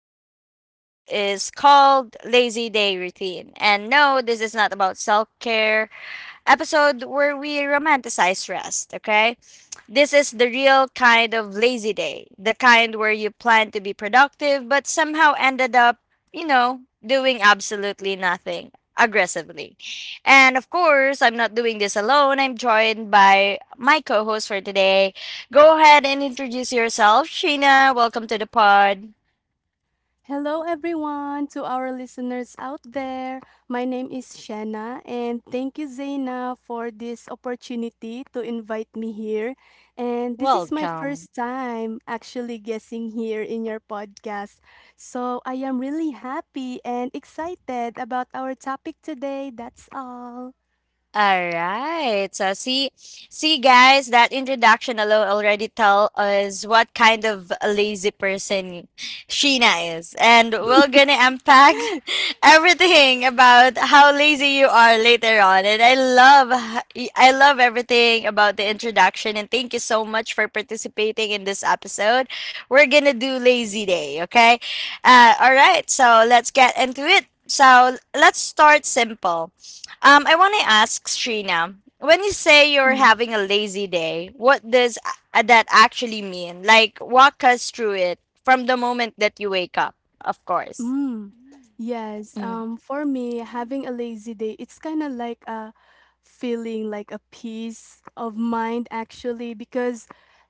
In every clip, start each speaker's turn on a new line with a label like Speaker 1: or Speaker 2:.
Speaker 1: Today's episode is called Lazy Day Routine. And no, this is not about self care episode where we romanticize rest, okay? This is the real kind of lazy day, the kind where you plan to be productive but somehow ended up, doing absolutely nothing aggressively. And of course, I'm not doing this alone. I'm joined by my co host for today. Go ahead and introduce yourself, Sheena. Welcome to the pod.
Speaker 2: Hello, everyone, to our listeners out there. My name is Shanna, and thank you, Zaina, for this opportunity to invite me here. And this is my
Speaker 1: Welcome.
Speaker 2: first time actually guessing here in your podcast. So I am really happy and excited about our topic today. That's all.
Speaker 1: All right. So see guys, that introduction alone already tell us what kind of a lazy person Sheena is. And we're gonna unpack everything about how lazy you are later on. And I love everything about the introduction and thank you so much for participating in this episode. We're gonna do lazy day, okay? All right, so let's get into it. So let's start simple. I want to ask Srina, when you say you're having a lazy day, what does that actually mean? Like, walk us through it from the moment that you wake up, of course.
Speaker 2: Mm. Yes.
Speaker 1: Mhm.
Speaker 2: For me, having a lazy day, it's kind of like a feeling like a peace of mind actually because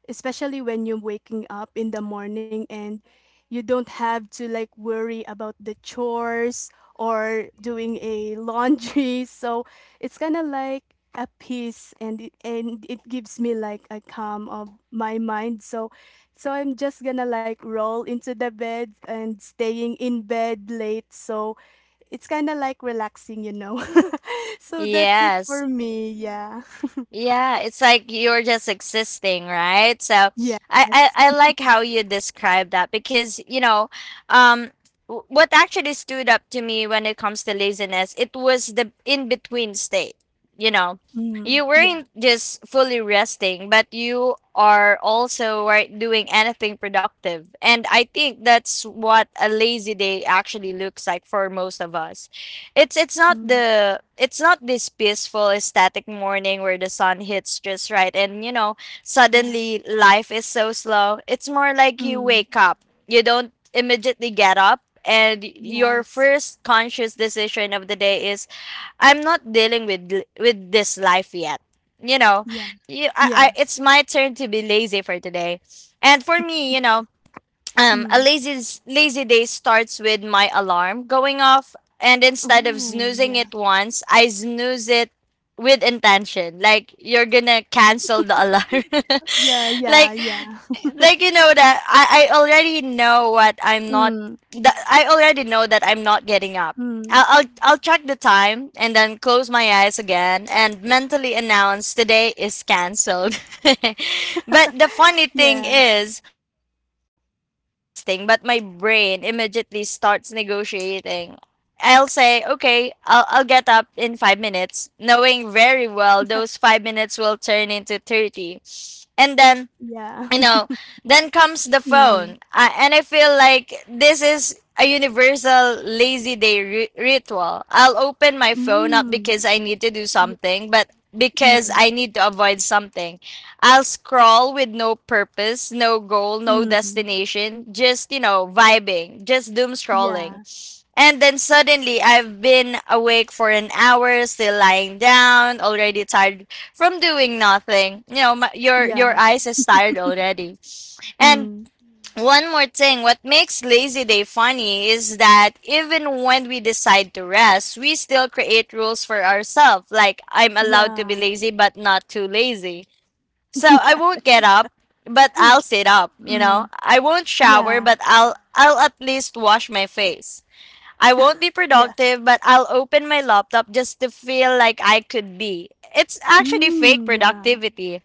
Speaker 2: especially when you're waking up in the morning and you don't have to like worry about the chores or doing a laundry. So it's kind of like a peace and it gives me like a calm of my mind. So I'm just gonna like roll into the bed and staying in bed late. So it's kind of like relaxing, you know. So that's it
Speaker 1: Yes.
Speaker 2: for me. Yeah.
Speaker 1: Yeah, it's like you're just existing, right? So
Speaker 2: Yes.
Speaker 1: I like how you describe that because, you know, um, what actually stood up to me when it comes to laziness, it was the in between state. You know,
Speaker 2: Mm,
Speaker 1: you
Speaker 2: yeah.
Speaker 1: weren't just fully resting, but you are also right doing anything productive. And I think that's what a lazy day actually looks like for most of us. It's not
Speaker 2: Mm,
Speaker 1: the it's not this peaceful ecstatic morning where the sun hits just right and you know
Speaker 2: yeah.
Speaker 1: suddenly life is so slow. It's more like you
Speaker 2: Mm,
Speaker 1: wake up. You don't immediately get up and your
Speaker 2: yes.
Speaker 1: first conscious decision of the day is I'm not dealing with with this life yet. You know,
Speaker 2: Yeah. Yeah.
Speaker 1: I, it's my turn to be lazy for today. And for me, you know,
Speaker 2: Mm.
Speaker 1: a lazy day starts with my alarm going off, and instead of
Speaker 2: Oh,
Speaker 1: snoozing
Speaker 2: yeah.
Speaker 1: it once, I snooze it with intention. Like you're gonna cancel the alarm.
Speaker 2: Yeah. Yeah.
Speaker 1: like
Speaker 2: Yeah.
Speaker 1: like you know that I already know what I'm not
Speaker 2: Mm,
Speaker 1: that I already know that I'm not getting up.
Speaker 2: mm,
Speaker 1: I'll check the time and then close my eyes again and mentally announce today is cancelled. But the funny thing
Speaker 2: yeah.
Speaker 1: is, my body is resting, but my brain immediately starts negotiating. I'll say, okay, I'll get up in 5 minutes, knowing very well those 5 minutes will turn into 30. And then
Speaker 2: Yeah.
Speaker 1: you know, then comes the
Speaker 2: Mm,
Speaker 1: phone. And I feel like this is a universal lazy day ritual. I'll open my phone not
Speaker 2: mm,
Speaker 1: because I need to do
Speaker 2: yeah.
Speaker 1: something, but because
Speaker 2: Mm,
Speaker 1: I need to avoid something. I'll scroll with no purpose, no goal, no
Speaker 2: mm,
Speaker 1: destination, just, you know, vibing, just doom scrolling.
Speaker 2: yeah.
Speaker 1: And then suddenly, I've been awake for an hour, still lying down, already tired from doing nothing. You know, your
Speaker 2: Yeah.
Speaker 1: eyes is tired already. And
Speaker 2: Mm,
Speaker 1: one more thing, what makes lazy day funny is that even when we decide to rest, we still create rules for ourselves. Like I'm allowed to be
Speaker 2: yeah.
Speaker 1: lazy, but not too lazy. So I won't get
Speaker 2: Yes.
Speaker 1: up, but I'll sit up. You know,
Speaker 2: Mm,
Speaker 1: I won't shower,
Speaker 2: yeah,
Speaker 1: but I'll at least wash my face. I won't be
Speaker 2: yeah.
Speaker 1: productive, but I'll open my laptop just to feel like I could be. It's actually fake
Speaker 2: Yeah,
Speaker 1: productivity,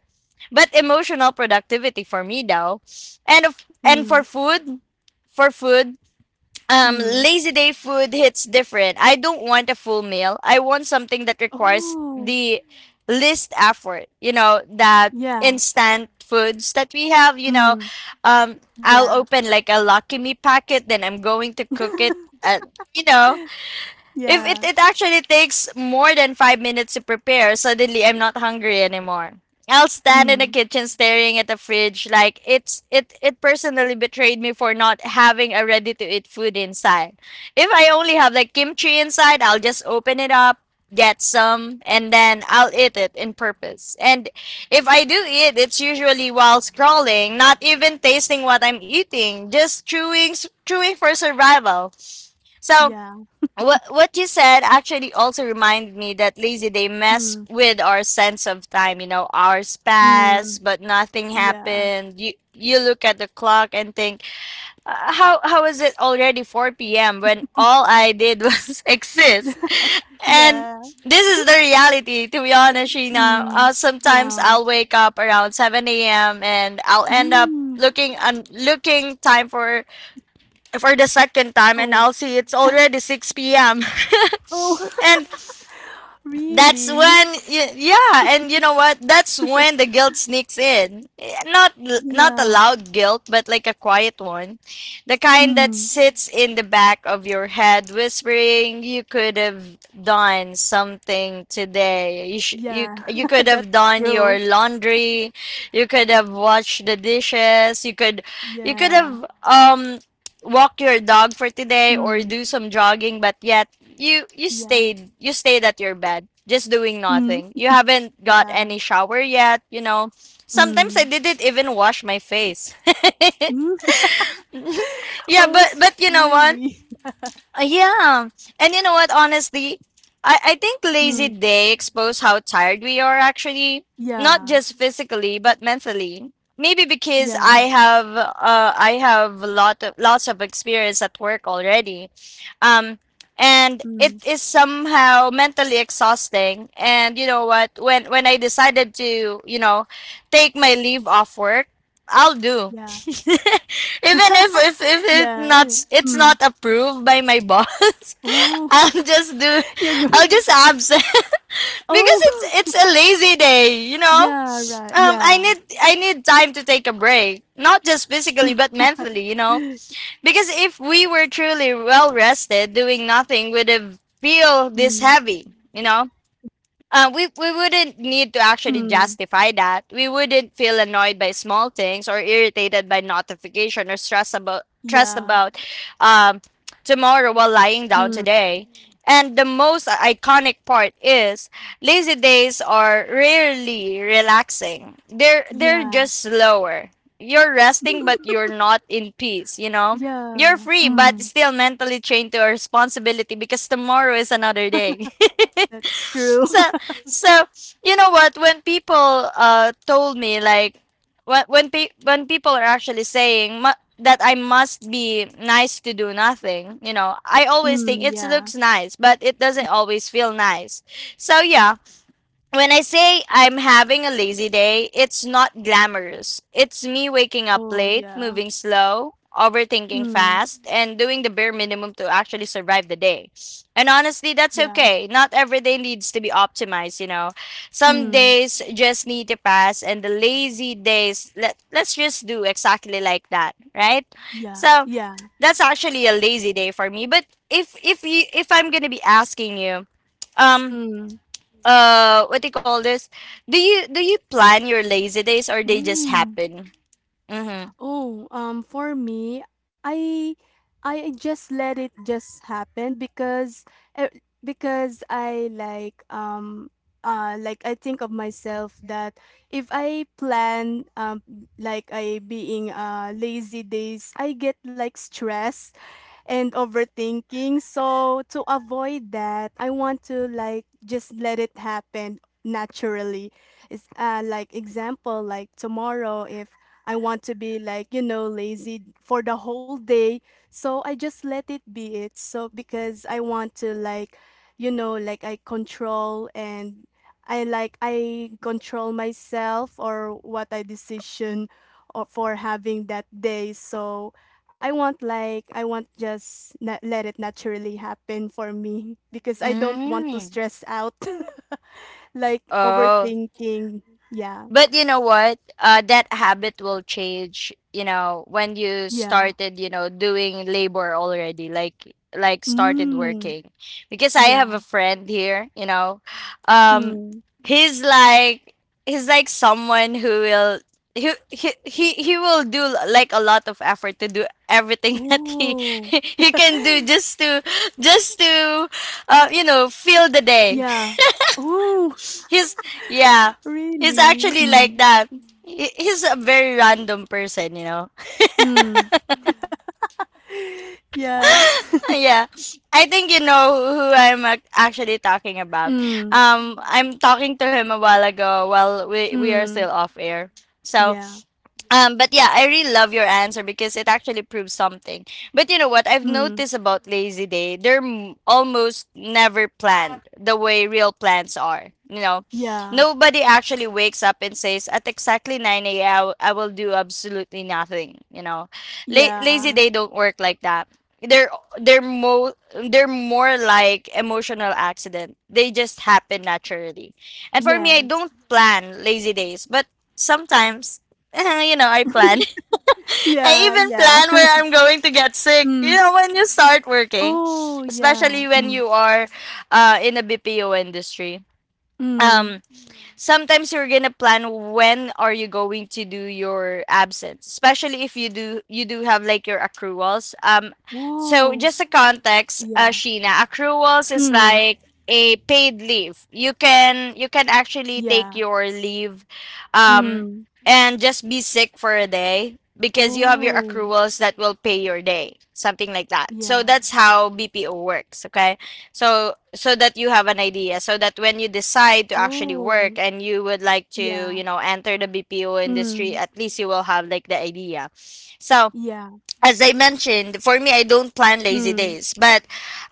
Speaker 1: but emotional productivity for me though. And
Speaker 2: mm,
Speaker 1: for food,
Speaker 2: mm.
Speaker 1: lazy day food hits different. I don't want a full meal. I want something that requires
Speaker 2: Oh,
Speaker 1: the least effort. You know, that
Speaker 2: yeah,
Speaker 1: instant foods that we have, you know,
Speaker 2: mm,
Speaker 1: um I'll
Speaker 2: yeah.
Speaker 1: open like a Lucky Me packet, then I'm going to cook it. Uh, you know, if
Speaker 2: Yeah,
Speaker 1: it actually takes more than 5 minutes to prepare, suddenly I'm not hungry anymore. I'll stand in the
Speaker 2: mm,
Speaker 1: kitchen staring at the fridge like it personally betrayed me for not having a ready to eat food inside. If I only have like kimchi inside, I'll just open it up, get some, and then I'll eat it in purpose. And if I do eat, it's usually while scrolling, not even tasting what I'm eating, just chewing for survival. So
Speaker 2: yeah,
Speaker 1: what you said actually also reminded me that lazy day mess
Speaker 2: mm,
Speaker 1: with our sense of time. You know, hours pass,
Speaker 2: mm,
Speaker 1: but nothing
Speaker 2: yeah.
Speaker 1: happened. You look at the clock and think, How is it already 4 p.m. when all I did was exist?" And
Speaker 2: Yeah,
Speaker 1: this is the reality, to be honest, Sheena.
Speaker 2: mm,
Speaker 1: Sometimes
Speaker 2: yeah,
Speaker 1: I'll wake up around 7 a.m. and I'll end up
Speaker 2: mm.
Speaker 1: looking and looking time for the second time, and
Speaker 2: Oh,
Speaker 1: I'll see it's already 6 p.m.
Speaker 2: oh,
Speaker 1: and that's
Speaker 2: really?
Speaker 1: when, yeah, and you know what? That's when the guilt sneaks in. Not not a
Speaker 2: Yeah,
Speaker 1: loud guilt, but like a quiet one, the kind that
Speaker 2: mm,
Speaker 1: sits in the back of your head, whispering, "You could have done something today.
Speaker 2: yeah.
Speaker 1: You could have
Speaker 2: That's
Speaker 1: done your
Speaker 2: true.
Speaker 1: laundry. You could have washed the dishes. You could
Speaker 2: Yeah,
Speaker 1: have um," walk your dog for today or
Speaker 2: mm,
Speaker 1: do some jogging, but yet you
Speaker 2: yeah,
Speaker 1: stayed, you stayed at your bed just doing
Speaker 2: mm,
Speaker 1: nothing, you haven't got
Speaker 2: yeah,
Speaker 1: any shower yet, you know, sometimes I
Speaker 2: mm.
Speaker 1: didn't even wash my face.
Speaker 2: Mm.
Speaker 1: Yeah,
Speaker 2: Oh,
Speaker 1: but
Speaker 2: it's
Speaker 1: you know what?
Speaker 2: really
Speaker 1: Uh, yeah. And you know what, honestly, I think lazy
Speaker 2: Mm.
Speaker 1: day expose how tired we are actually, not
Speaker 2: Yeah.
Speaker 1: just physically, but mentally. Maybe because
Speaker 2: Yeah.
Speaker 1: I have a lot of lots of experience at work already. Um, and it
Speaker 2: Mm.
Speaker 1: is somehow mentally exhausting, and you know what, when I decided to, you know, take my leave off work, I'll do.
Speaker 2: Yeah.
Speaker 1: Even if
Speaker 2: Yeah, yeah.
Speaker 1: it's
Speaker 2: Mm.
Speaker 1: not approved by my boss,
Speaker 2: Oh,
Speaker 1: I'll just do
Speaker 2: you're going
Speaker 1: I'll
Speaker 2: to-
Speaker 1: just absent. Because
Speaker 2: Oh,
Speaker 1: it's a lazy day, you know.
Speaker 2: yeah, right. Yeah.
Speaker 1: I need time to take a break, not just physically but mentally, you know. Because if we were truly well rested, doing nothing would have feel this
Speaker 2: Mm.
Speaker 1: heavy, you know. We wouldn't need to actually
Speaker 2: Mm.
Speaker 1: justify that. We wouldn't feel annoyed by small things or irritated by notification or stressed
Speaker 2: Yeah.
Speaker 1: about, um, tomorrow while lying down
Speaker 2: Mm.
Speaker 1: today. And the most iconic part is lazy days are rarely relaxing. They're
Speaker 2: Yeah.
Speaker 1: just slower. You're resting but you're not in peace, you know? You're
Speaker 2: Yeah.
Speaker 1: free but
Speaker 2: Mm.
Speaker 1: still mentally chained to a responsibility because tomorrow is another day.
Speaker 2: That's true.
Speaker 1: So so, you know what, when people told me like, when people are actually saying that I must be nice to do nothing, you know, I always think
Speaker 2: Mm,
Speaker 1: it
Speaker 2: yeah.
Speaker 1: looks nice, but it doesn't always feel nice. So yeah, when I say I'm having a lazy day, it's not glamorous. It's me waking up
Speaker 2: Oh,
Speaker 1: late,
Speaker 2: yeah.
Speaker 1: moving slow, overthinking
Speaker 2: Mm.
Speaker 1: fast, and doing the bare minimum to actually survive the day. And honestly, that's
Speaker 2: Yeah.
Speaker 1: okay. Not every day needs to be optimized, you know. Some
Speaker 2: Mm.
Speaker 1: days just need to pass, and the lazy days, let's just do exactly like that, right?
Speaker 2: Yeah.
Speaker 1: So,
Speaker 2: Yeah.
Speaker 1: that's actually a lazy day for me. But if I'm gonna be asking you, um
Speaker 2: Mm.
Speaker 1: what do you call this? Do you plan your lazy days or they just
Speaker 2: Mm.
Speaker 1: happen? Mm-hmm.
Speaker 2: Oh, for me, I I just let it just happen because eh, because I like I think of myself that if I plan like I being lazy days, I get like stress and overthinking. So to avoid that, I want to like just let it happen naturally. It's like example like tomorrow if I want to be like, you know, lazy for the whole day. So I just let it be it. So because I want to like, you know, like I control myself or what I decision or for having that day. So I want just let it naturally happen for me because I don't want to
Speaker 1: Mm.
Speaker 2: stress out like
Speaker 1: Oh.
Speaker 2: overthinking. Yeah.
Speaker 1: But you know what? That habit will change, you know, when you
Speaker 2: Yeah.
Speaker 1: started, you know, doing labor already, like started
Speaker 2: Mm.
Speaker 1: working. Because I have
Speaker 2: Yeah.
Speaker 1: a friend here, you know. Um
Speaker 2: Mm.
Speaker 1: he's like someone who will, he will do like a lot of effort to do everything that
Speaker 2: Oh,
Speaker 1: he can do just to just to you know, fill the day.
Speaker 2: yeah. Oh,
Speaker 1: He's yeah. He's
Speaker 2: really?
Speaker 1: actually like that. He's a very random person, you know.
Speaker 2: Mm. Yeah.
Speaker 1: Yeah. I think you know who I'm actually talking about.
Speaker 2: Mm,
Speaker 1: Um, I'm talking to him a while ago while we are
Speaker 2: mm.
Speaker 1: still off air. So,
Speaker 2: Yeah.
Speaker 1: um, but yeah, I really love your answer because it actually proves something. But you know what? I've
Speaker 2: Mm.
Speaker 1: noticed about lazy day, they're almost never planned the way real plans are. You know,
Speaker 2: Yeah.
Speaker 1: nobody actually wakes up and says, at exactly 9 a.m., I will do absolutely nothing. You know, lazy
Speaker 2: Yeah.
Speaker 1: day don't work like that. They're they're mo they're more like emotional accident. They just happen naturally. And for me, I
Speaker 2: Yes.
Speaker 1: don't plan lazy days, but sometimes you know, I plan. I
Speaker 2: Yeah,
Speaker 1: even
Speaker 2: yeah.
Speaker 1: plan where I'm going to get sick.
Speaker 2: Mm.
Speaker 1: You know, when you start working,
Speaker 2: Oh, yeah.
Speaker 1: especially when you are in a BPO industry.
Speaker 2: Mm.
Speaker 1: Um, Sometimes you're gonna plan when are you going to do your absence, especially if you do have like your accruals. So
Speaker 2: Whoa.
Speaker 1: just a context,
Speaker 2: Yeah.
Speaker 1: Sheena, accruals is
Speaker 2: Mm.
Speaker 1: like a paid leave. You can actually take
Speaker 2: Yeah.
Speaker 1: your leave um
Speaker 2: Mm.
Speaker 1: and just be sick for a day because you have your
Speaker 2: Oh,
Speaker 1: accruals that will pay your day, something like that.
Speaker 2: yeah.
Speaker 1: So that's how BPO works, okay? So that you have an idea, so that when you decide to actually
Speaker 2: Oh,
Speaker 1: work and you would like to,
Speaker 2: yeah.
Speaker 1: you know, enter the BPO
Speaker 2: Mm.
Speaker 1: industry, at least you will have like the idea. So
Speaker 2: Yeah.
Speaker 1: as I mentioned, for me, I don't plan lazy
Speaker 2: Mm.
Speaker 1: days, but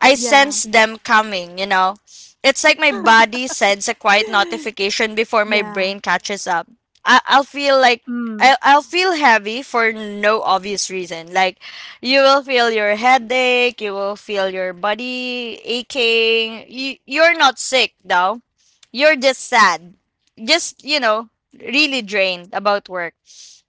Speaker 1: I
Speaker 2: Yeah.
Speaker 1: sense them coming, you know? It's like my body sends a quiet notification before my
Speaker 2: Yeah.
Speaker 1: brain catches up. I'll feel like
Speaker 2: Mm.
Speaker 1: I'll feel heavy for no obvious reason. Like, you will feel your headache, you will feel your body aching. You're not sick, though. You're just sad. Just, you know, really drained about work.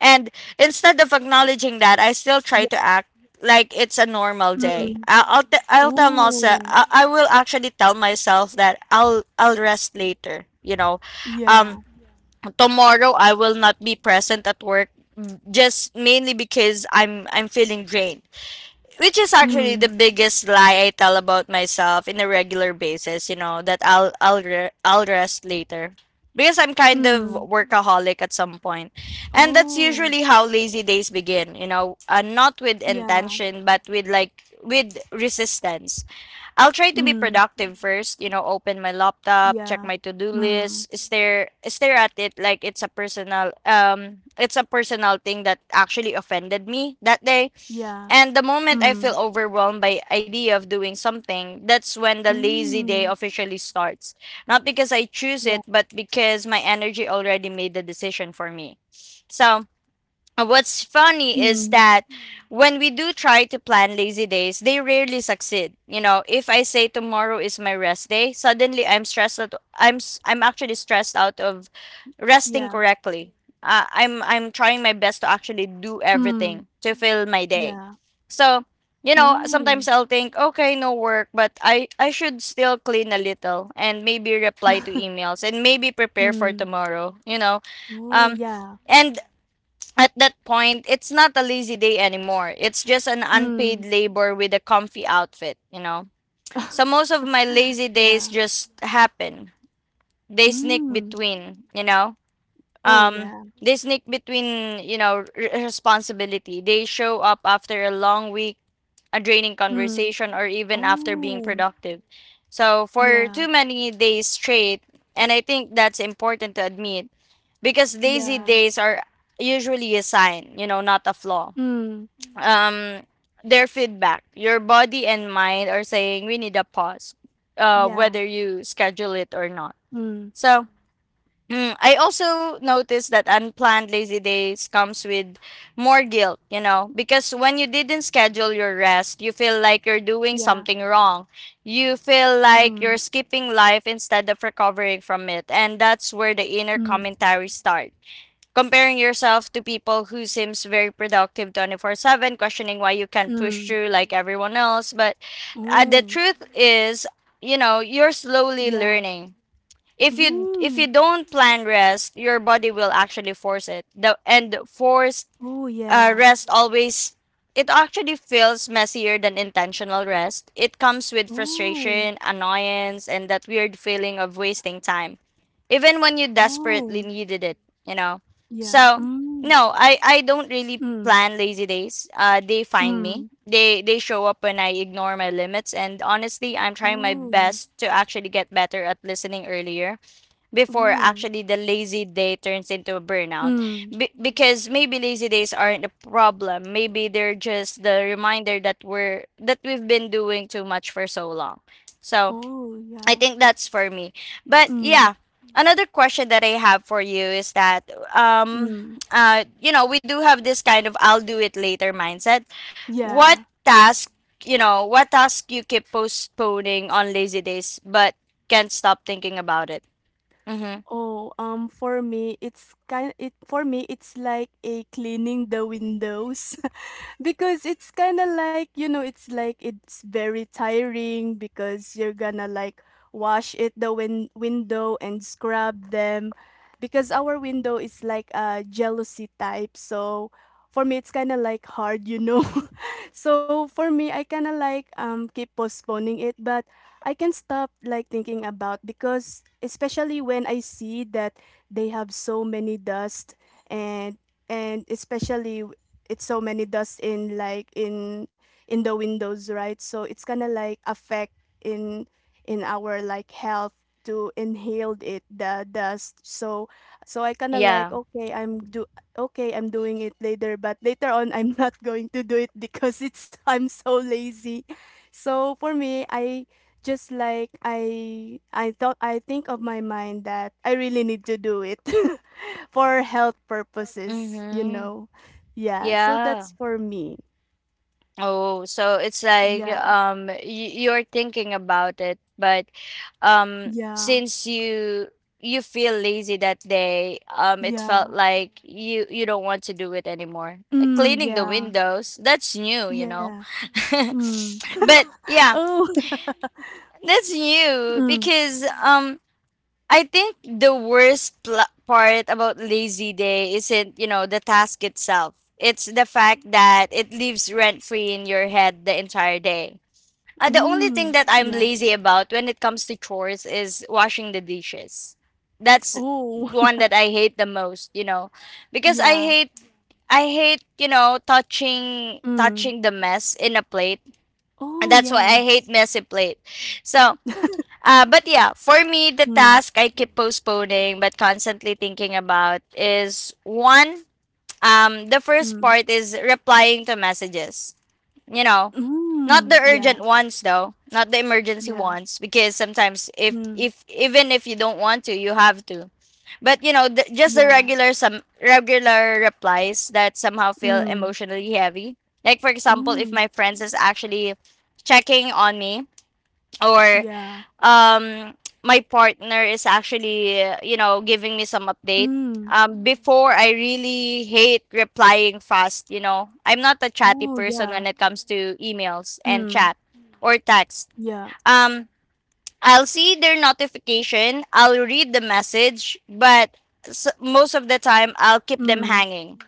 Speaker 1: And instead of acknowledging that, I still
Speaker 2: Yeah.
Speaker 1: try to act like it's a normal day.
Speaker 2: Mm.
Speaker 1: I'll tell myself
Speaker 2: Ooh.
Speaker 1: I will actually tell myself that I'll rest later. You know,
Speaker 2: Yeah.
Speaker 1: um, tomorrow I will not be present at work, just mainly because I'm feeling drained, which is actually the
Speaker 2: Mm.
Speaker 1: biggest lie I tell about myself in a regular basis, you know, that I'll rest later. Because I'm kind of
Speaker 2: Mm.
Speaker 1: workaholic at some point. And that's
Speaker 2: Oh.
Speaker 1: usually how lazy days begin, you know, not with
Speaker 2: Yeah.
Speaker 1: intention but with like with resistance. I'll try to be
Speaker 2: Mm.
Speaker 1: productive first, you know, open my laptop, check
Speaker 2: Yeah.
Speaker 1: my to-do
Speaker 2: Mm.
Speaker 1: list, stare at it like it's a personal thing that actually offended me that day.
Speaker 2: Yeah.
Speaker 1: And the moment I
Speaker 2: Mm.
Speaker 1: feel overwhelmed by idea of doing something, that's when the lazy day
Speaker 2: Mm.
Speaker 1: officially starts. Not because I choose
Speaker 2: Yeah.
Speaker 1: it, but because my energy already made the decision for me. So what's funny is
Speaker 2: Mm.
Speaker 1: that when we do try to plan lazy days, they rarely succeed. You know, if I say tomorrow is my rest day, suddenly I'm stressed out. I'm actually stressed out of resting
Speaker 2: Yeah.
Speaker 1: correctly. I'm trying my best to actually do
Speaker 2: Mm.
Speaker 1: everything to fill my day.
Speaker 2: Yeah.
Speaker 1: So, you know,
Speaker 2: Ooh.
Speaker 1: sometimes I'll think, okay, no work, but I should still clean a little and maybe reply to emails and maybe prepare for
Speaker 2: Mm.
Speaker 1: tomorrow, you know.
Speaker 2: Oh,
Speaker 1: Um
Speaker 2: yeah.
Speaker 1: and at that point, it's not a lazy day anymore. It's just an
Speaker 2: Mm.
Speaker 1: unpaid labor with a comfy outfit, you know? So most of my lazy days
Speaker 2: Yeah.
Speaker 1: just happen. They sneak
Speaker 2: Mm.
Speaker 1: between, you know?
Speaker 2: Oh,
Speaker 1: Um,
Speaker 2: yeah.
Speaker 1: they sneak between, you know, responsibility. They show up after a long week, a draining
Speaker 2: Mm.
Speaker 1: conversation, or even after being
Speaker 2: Oh.
Speaker 1: productive. So for
Speaker 2: Yeah.
Speaker 1: too many days straight, and I think that's important to admit because lazy
Speaker 2: Yeah.
Speaker 1: days are usually a sign, you know, not a flaw.
Speaker 2: Mm.
Speaker 1: Um, their feedback. Your body and mind are saying we need a pause,
Speaker 2: Yeah.
Speaker 1: whether you schedule it or not.
Speaker 2: Mm.
Speaker 1: So mm, I also noticed that unplanned lazy days comes with more guilt, you know, because when you didn't schedule your rest, you feel like you're doing
Speaker 2: Yeah.
Speaker 1: something wrong. You feel like
Speaker 2: Mm.
Speaker 1: you're skipping life instead of recovering from it, and that's where the inner
Speaker 2: Mm,
Speaker 1: commentary starts. Comparing yourself to people who seems very productive 24/7, questioning why you can't push
Speaker 2: mm.
Speaker 1: through like everyone else, but the
Speaker 2: Oh,
Speaker 1: truth is, you know, you're slowly
Speaker 2: yeah.
Speaker 1: learning, if you
Speaker 2: Mm.
Speaker 1: don't plan rest, your body will actually force it. The and forced
Speaker 2: Oh, yeah.
Speaker 1: rest always, it actually feels messier than intentional rest. It comes with
Speaker 2: Oh,
Speaker 1: frustration, annoyance, and that weird feeling of wasting time, even when you desperately
Speaker 2: oh,
Speaker 1: needed it. You know,
Speaker 2: yeah.
Speaker 1: so no, I don't really
Speaker 2: Mm,
Speaker 1: plan lazy days. They find me.
Speaker 2: mm.
Speaker 1: They show up when I ignore my limits, and honestly, I'm trying my
Speaker 2: Oh,
Speaker 1: best to actually get better at listening earlier before
Speaker 2: oh,
Speaker 1: actually the lazy day turns into a burnout.
Speaker 2: mm.
Speaker 1: Because maybe lazy days aren't a problem, maybe they're just the reminder that we've been doing too much for so long. So
Speaker 2: Oh,
Speaker 1: I
Speaker 2: yeah.
Speaker 1: think that's for me. But
Speaker 2: Mm,
Speaker 1: yeah, another question that I have for you is that um
Speaker 2: mm.
Speaker 1: you know, we do have this kind of I'll do it later mindset. What
Speaker 2: Yeah.
Speaker 1: task, you know, what task you keep postponing on lazy days but can't stop thinking about it? Mm-hmm.
Speaker 2: Oh, for me, it's kind it for me, it's like a cleaning the windows. Because it's kind of like, you know, it's like it's very tiring because you're gonna like wash it the window and scrub them because our window is like a jealousy type, so for me it's kind of like hard, you know. So for me I kind of like keep postponing it, but I can stop like thinking about because especially when I see that they have so many dust and and especially it's so many dust in like in the windows, right? So it's kind of like affect in in our like health to inhale it the dust. So I kind of like,
Speaker 1: Yeah.
Speaker 2: okay, I'm do okay, I'm doing it later, but later on I'm not going to do it because it's I'm so lazy. So for me I thought I think of my mind that I really need to do it for health purposes, you
Speaker 1: Mhm.
Speaker 2: know. Yeah, so
Speaker 1: Yeah.
Speaker 2: that's for me.
Speaker 1: Oh, so it's like
Speaker 2: Yeah,
Speaker 1: y you're thinking about it, but
Speaker 2: yeah,
Speaker 1: since you feel lazy that day, it felt
Speaker 2: yeah.
Speaker 1: like you don't want to do it anymore. Like cleaning the
Speaker 2: Yeah,
Speaker 1: windows, that's new, you
Speaker 2: yeah.
Speaker 1: know.
Speaker 2: Mm.
Speaker 1: But yeah,
Speaker 2: Oh.
Speaker 1: that's new
Speaker 2: Mm,
Speaker 1: because I think the worst part about lazy day isn't, you know, the task itself. It's the fact that it leaves rent free in your head the entire day. The only thing
Speaker 2: mm.
Speaker 1: that I'm
Speaker 2: Yeah.
Speaker 1: lazy about when it comes to chores is washing the dishes. That's
Speaker 2: Oh.
Speaker 1: one that I hate the most, you know, because I
Speaker 2: Yeah.
Speaker 1: hate, I hate, you know, touching
Speaker 2: Mm.
Speaker 1: touching the mess in a plate.
Speaker 2: Oh,
Speaker 1: And that's why I
Speaker 2: yes.
Speaker 1: hate messy plate. So, but yeah, for me, the
Speaker 2: Mm,
Speaker 1: task I keep postponing but constantly thinking about is one, the first
Speaker 2: mm.
Speaker 1: part is replying to messages. You know, not
Speaker 2: Mm.
Speaker 1: the
Speaker 2: Yeah,
Speaker 1: urgent ones though, not the emergency
Speaker 2: yeah.
Speaker 1: ones, because sometimes
Speaker 2: Mm.
Speaker 1: if even if you don't want to, you have to. But you know, the, just the
Speaker 2: Yeah.
Speaker 1: regular, some regular replies that somehow feel
Speaker 2: Mm.
Speaker 1: emotionally heavy. Like for example, if
Speaker 2: Mm.
Speaker 1: my friends is actually checking on me or
Speaker 2: Yeah.
Speaker 1: um my partner is actually you know, giving me some update.
Speaker 2: Mm.
Speaker 1: Before I really hate replying fast, you know, I'm not a chatty
Speaker 2: Oh,
Speaker 1: person
Speaker 2: yeah.
Speaker 1: when it comes to emails and
Speaker 2: Mm.
Speaker 1: chat or text.
Speaker 2: Yeah.
Speaker 1: um I'll see their notification, I'll read the message, but most of the time I'll keep them
Speaker 2: Mm.
Speaker 1: hanging,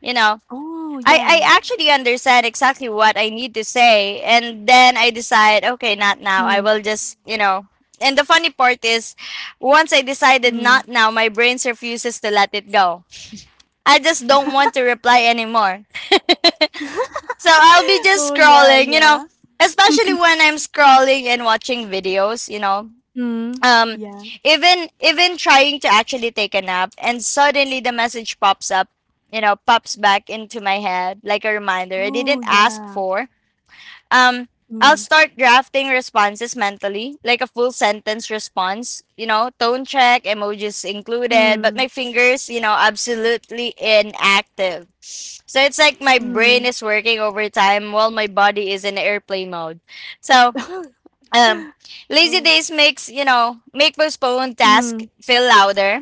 Speaker 1: you know.
Speaker 2: Oh,
Speaker 1: I
Speaker 2: yeah.
Speaker 1: actually understand exactly what I need to say. And then I decide, okay, not now. I
Speaker 2: Mm.
Speaker 1: will just, you know. And the funny part is, once I decided
Speaker 2: Mm.
Speaker 1: not now, my brain refuses to let it go. I just don't want to reply anymore. So I'll be just
Speaker 2: Oh, yeah,
Speaker 1: scrolling, you
Speaker 2: yeah.
Speaker 1: know, especially when I'm scrolling and watching videos, you know.
Speaker 2: Mhm.
Speaker 1: um
Speaker 2: Yeah.
Speaker 1: Even, even trying to actually take a nap, and suddenly the message pops up, you know, pops back into my head like a reminder I
Speaker 2: Oh,
Speaker 1: didn't ask
Speaker 2: yeah.
Speaker 1: for. um I'll
Speaker 2: Mm.
Speaker 1: start drafting responses mentally, like a full sentence response, you know, tone check, emojis included, but
Speaker 2: Mm,
Speaker 1: my fingers, you know, absolutely inactive. So it's like my brain
Speaker 2: mm.
Speaker 1: is working overtime while my body is in airplane mode. So um, lazy
Speaker 2: Oh.
Speaker 1: days makes, you know, make postponed task
Speaker 2: Mm.
Speaker 1: feel louder.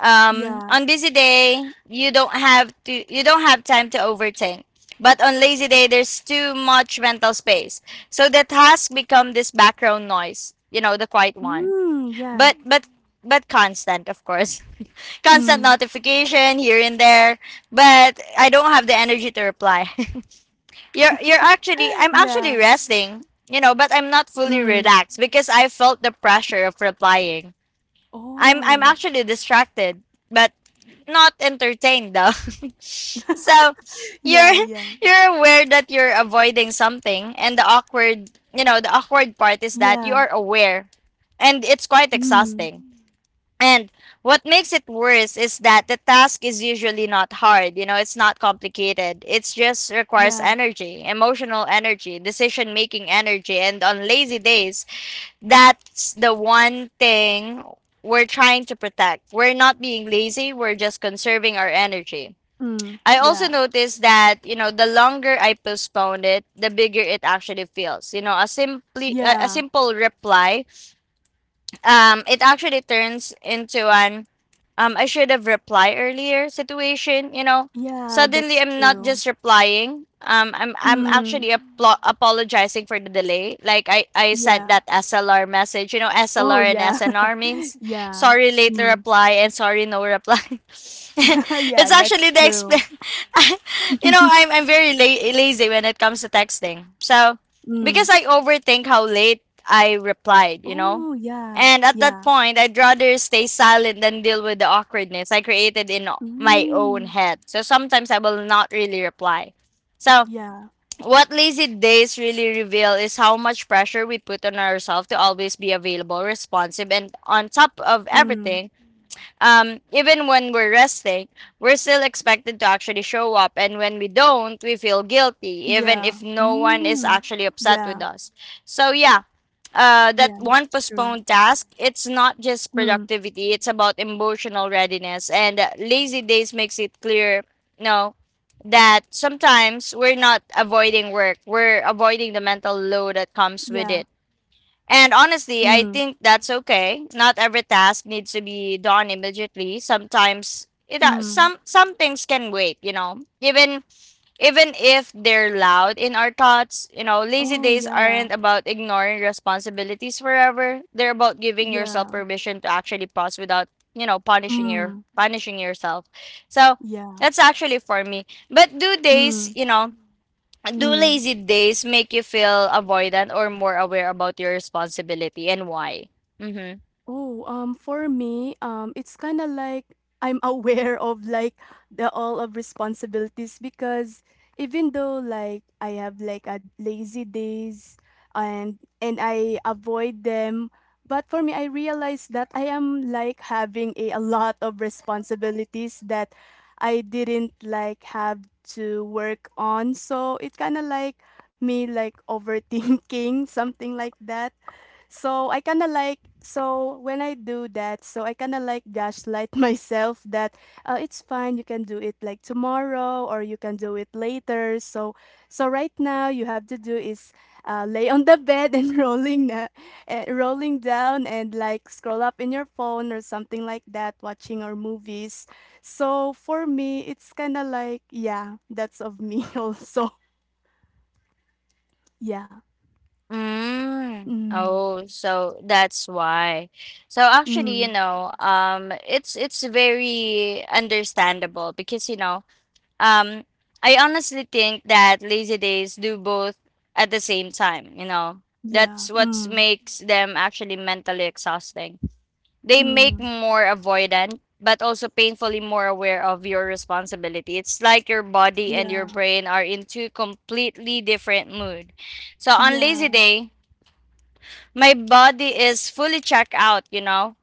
Speaker 2: Yeah.
Speaker 1: On busy day, you don't have to, you don't have time to overthink. But on lazy day, there's too much mental space, so the task become this background noise. You know, the quiet one.
Speaker 2: Mm, yeah.
Speaker 1: But but constant, of course. Constant
Speaker 2: Mm.
Speaker 1: notification here and there. But I don't have the energy to reply. You're actually I'm
Speaker 2: Yeah.
Speaker 1: actually resting, you know, but I'm not fully
Speaker 2: Mm.
Speaker 1: relaxed because I felt the pressure of replying. I'm
Speaker 2: Oh.
Speaker 1: actually distracted, but not entertained though. So you're
Speaker 2: Yeah, yeah.
Speaker 1: you're aware that you're avoiding something, and the awkward, you know, the awkward part is that you
Speaker 2: Yeah.
Speaker 1: are aware, and it's quite
Speaker 2: Mm.
Speaker 1: exhausting. And what makes it worse is that the task is usually not hard, you know, it's not complicated. It just requires
Speaker 2: Yeah.
Speaker 1: energy, emotional energy, decision making energy. And on lazy days, that's the one thing we're trying to protect. We're not being lazy, we're just conserving our energy.
Speaker 2: Mm.
Speaker 1: I also
Speaker 2: Yeah.
Speaker 1: noticed that, you know, the longer I postponed it, the bigger it actually feels. You know, a simply a
Speaker 2: Yeah.
Speaker 1: simple reply, it actually turns into an I should have replied earlier situation, you know.
Speaker 2: Yeah,
Speaker 1: Suddenly,
Speaker 2: that's
Speaker 1: I'm not
Speaker 2: true.
Speaker 1: just replying. I'm
Speaker 2: Mm.
Speaker 1: actually apologizing for the delay. Like I sent
Speaker 2: Yeah.
Speaker 1: that SLR message. You know,
Speaker 2: Oh,
Speaker 1: SLR and
Speaker 2: yeah.
Speaker 1: SNR means
Speaker 2: Yeah.
Speaker 1: sorry late
Speaker 2: Mm.
Speaker 1: reply and sorry no reply.
Speaker 2: Yeah,
Speaker 1: It's actually
Speaker 2: that's
Speaker 1: the
Speaker 2: true.
Speaker 1: you know, I'm very lazy when it comes to texting. So
Speaker 2: Mm.
Speaker 1: because I overthink how late I replied, you know,
Speaker 2: Oh, yeah.
Speaker 1: and at that
Speaker 2: Yeah.
Speaker 1: point, I'd rather stay silent than deal with the awkwardness I created in my own
Speaker 2: Mm.
Speaker 1: head. So sometimes I will not really reply. So,
Speaker 2: Yeah.
Speaker 1: what lazy days really reveal is how much pressure we put on ourselves to always be available, responsive, and on top of
Speaker 2: Mm.
Speaker 1: everything. Even when we're resting, we're still expected to actually show up. And when we don't, we feel guilty, even
Speaker 2: Yeah.
Speaker 1: if no one is
Speaker 2: Mm.
Speaker 1: actually upset
Speaker 2: Yeah.
Speaker 1: with us. So, yeah. That
Speaker 2: Yeah,
Speaker 1: one
Speaker 2: that's true.
Speaker 1: postponed task, it's not just
Speaker 2: Mm.
Speaker 1: productivity, it's about emotional readiness. And lazy days makes it clear, no, that sometimes we're not avoiding work, we're avoiding the mental load that comes with
Speaker 2: Yeah.
Speaker 1: it. And honestly, I
Speaker 2: Mm.
Speaker 1: think that's okay. Not every task needs to be done immediately. Sometimes it
Speaker 2: Mm.
Speaker 1: some things can wait, you know. Even even if they're loud in our thoughts, you know, lazy
Speaker 2: Oh,
Speaker 1: days
Speaker 2: yeah.
Speaker 1: aren't about ignoring responsibilities forever. They're about giving yourself
Speaker 2: Yeah.
Speaker 1: permission to actually pause without, you know,
Speaker 2: Mm.
Speaker 1: punishing yourself. So,
Speaker 2: Yeah.
Speaker 1: that's actually for me. But do days,
Speaker 2: Mm.
Speaker 1: you know, do
Speaker 2: Mm.
Speaker 1: lazy days make you feel avoidant or more aware about your responsibility and why? Mm-hmm.
Speaker 2: Oh, for me, it's kind of like I'm aware of like the all of responsibilities because even though like I have like a lazy days and I avoid them, but for me, I realize that I am like having a lot of responsibilities that I didn't like have to work on. So it kind of like me like overthinking something like that. So I kind of like so when I do that, so I kind of like gaslight myself that it's fine, you can do it like tomorrow or you can do it later. So so right now you have to do is lay on the bed and rolling down and like scroll up in your phone or something like that, watching our movies. So for me, it's kind of like yeah, that's of me also. Yeah.
Speaker 1: Mm.
Speaker 2: Mm.
Speaker 1: Oh, so that's why. So actually, you
Speaker 2: Mm.
Speaker 1: know, it's very understandable because you know, um, I honestly think that lazy days do both at the same time. You know,
Speaker 2: Yeah.
Speaker 1: that's what
Speaker 2: Mm.
Speaker 1: makes them actually mentally exhausting. They make
Speaker 2: Mm.
Speaker 1: more avoidant but also painfully more aware of your responsibility. It's like your body and your
Speaker 2: Yeah.
Speaker 1: brain are in two completely different mood. So on lazy
Speaker 2: Yeah.
Speaker 1: day, my body is fully checked out, you know.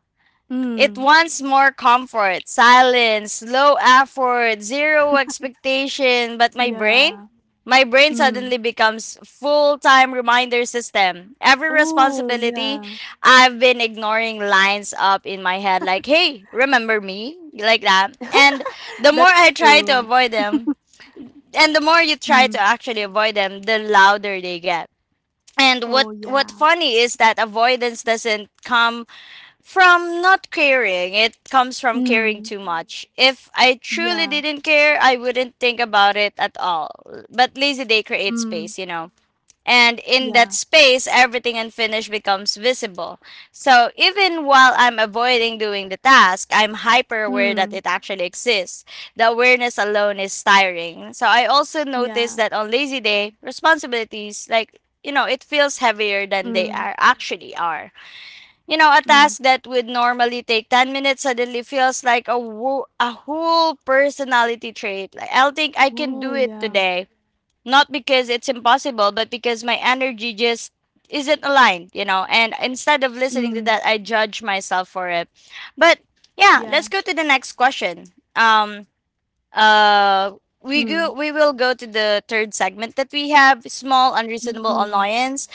Speaker 1: It
Speaker 2: Mm.
Speaker 1: wants more comfort, silence, low effort, zero expectation, but my brain?
Speaker 2: Yeah.
Speaker 1: My brain
Speaker 2: Mm.
Speaker 1: suddenly becomes full-time reminder system. Every
Speaker 2: Oh,
Speaker 1: responsibility
Speaker 2: yeah.
Speaker 1: I've been ignoring lines up in my head like, "Hey, remember me?" like that. And the more I
Speaker 2: That's
Speaker 1: try to
Speaker 2: true.
Speaker 1: avoid them, and the more you try to
Speaker 2: Mm.
Speaker 1: actually avoid them, the louder they get. And
Speaker 2: Oh,
Speaker 1: what
Speaker 2: yeah.
Speaker 1: funny is that avoidance doesn't come from not caring, it comes from caring
Speaker 2: Mm.
Speaker 1: too much. If I truly
Speaker 2: Yeah.
Speaker 1: didn't care, I wouldn't think about it at all. But lazy day creates
Speaker 2: Mm.
Speaker 1: space, you know. And in that
Speaker 2: Yeah.
Speaker 1: space, everything unfinished becomes visible. So even while I'm avoiding doing the task, I'm hyper aware that
Speaker 2: Mm.
Speaker 1: it actually exists. The awareness alone is tiring. So I also notice
Speaker 2: Yeah.
Speaker 1: that on lazy day, responsibilities, like, you know, it feels heavier than they
Speaker 2: Mm.
Speaker 1: are actually are. You know, a
Speaker 2: Mm.
Speaker 1: task that would normally take 10 minutes suddenly feels like a whole personality trait. Like, I'll think I can do
Speaker 2: Oh,
Speaker 1: it
Speaker 2: yeah.
Speaker 1: today. Not because it's impossible, but because my energy just isn't aligned, you know. And instead of listening to
Speaker 2: Mm.
Speaker 1: that, I judge myself for it. But yeah,
Speaker 2: Yeah.
Speaker 1: let's go to the next question. Uh,
Speaker 2: Mm.
Speaker 1: We will go to the third segment that we have: small, unreasonable
Speaker 2: Mm.
Speaker 1: annoyance.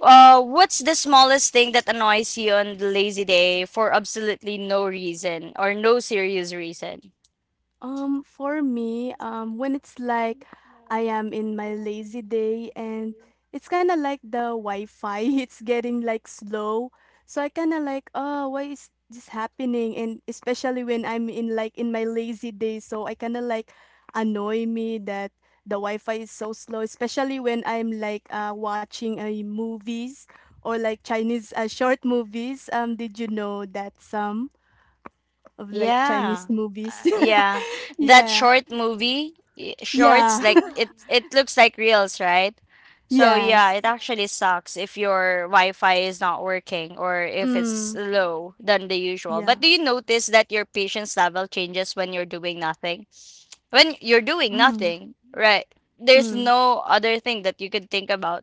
Speaker 1: What's the smallest thing that annoys you on the lazy day for absolutely no reason or no serious reason?
Speaker 2: For me, when it's like I am in my lazy day and it's kind of like the Wi-Fi, it's getting like slow. So I kind of like, oh, why is this happening? And especially when I'm in like in my lazy day, so I kind of like annoy me that the Wi-Fi is so slow, especially when I'm like watching a movies or like Chinese short movies. Did you know that some of like
Speaker 1: Yeah.
Speaker 2: Chinese
Speaker 1: Uh,
Speaker 2: movies?
Speaker 1: yeah. That
Speaker 2: Yeah.
Speaker 1: short movie, shorts
Speaker 2: Yeah.
Speaker 1: like it looks like reels, right? So
Speaker 2: Yes.
Speaker 1: yeah, it actually sucks if your Wi-Fi is not working or if it's
Speaker 2: Mm.
Speaker 1: low than the usual. But
Speaker 2: Yeah.
Speaker 1: do you notice that your patience level changes when you're doing nothing? When you're doing
Speaker 2: Mm.
Speaker 1: nothing, right? There's
Speaker 2: Mm.
Speaker 1: no other thing that you could think about.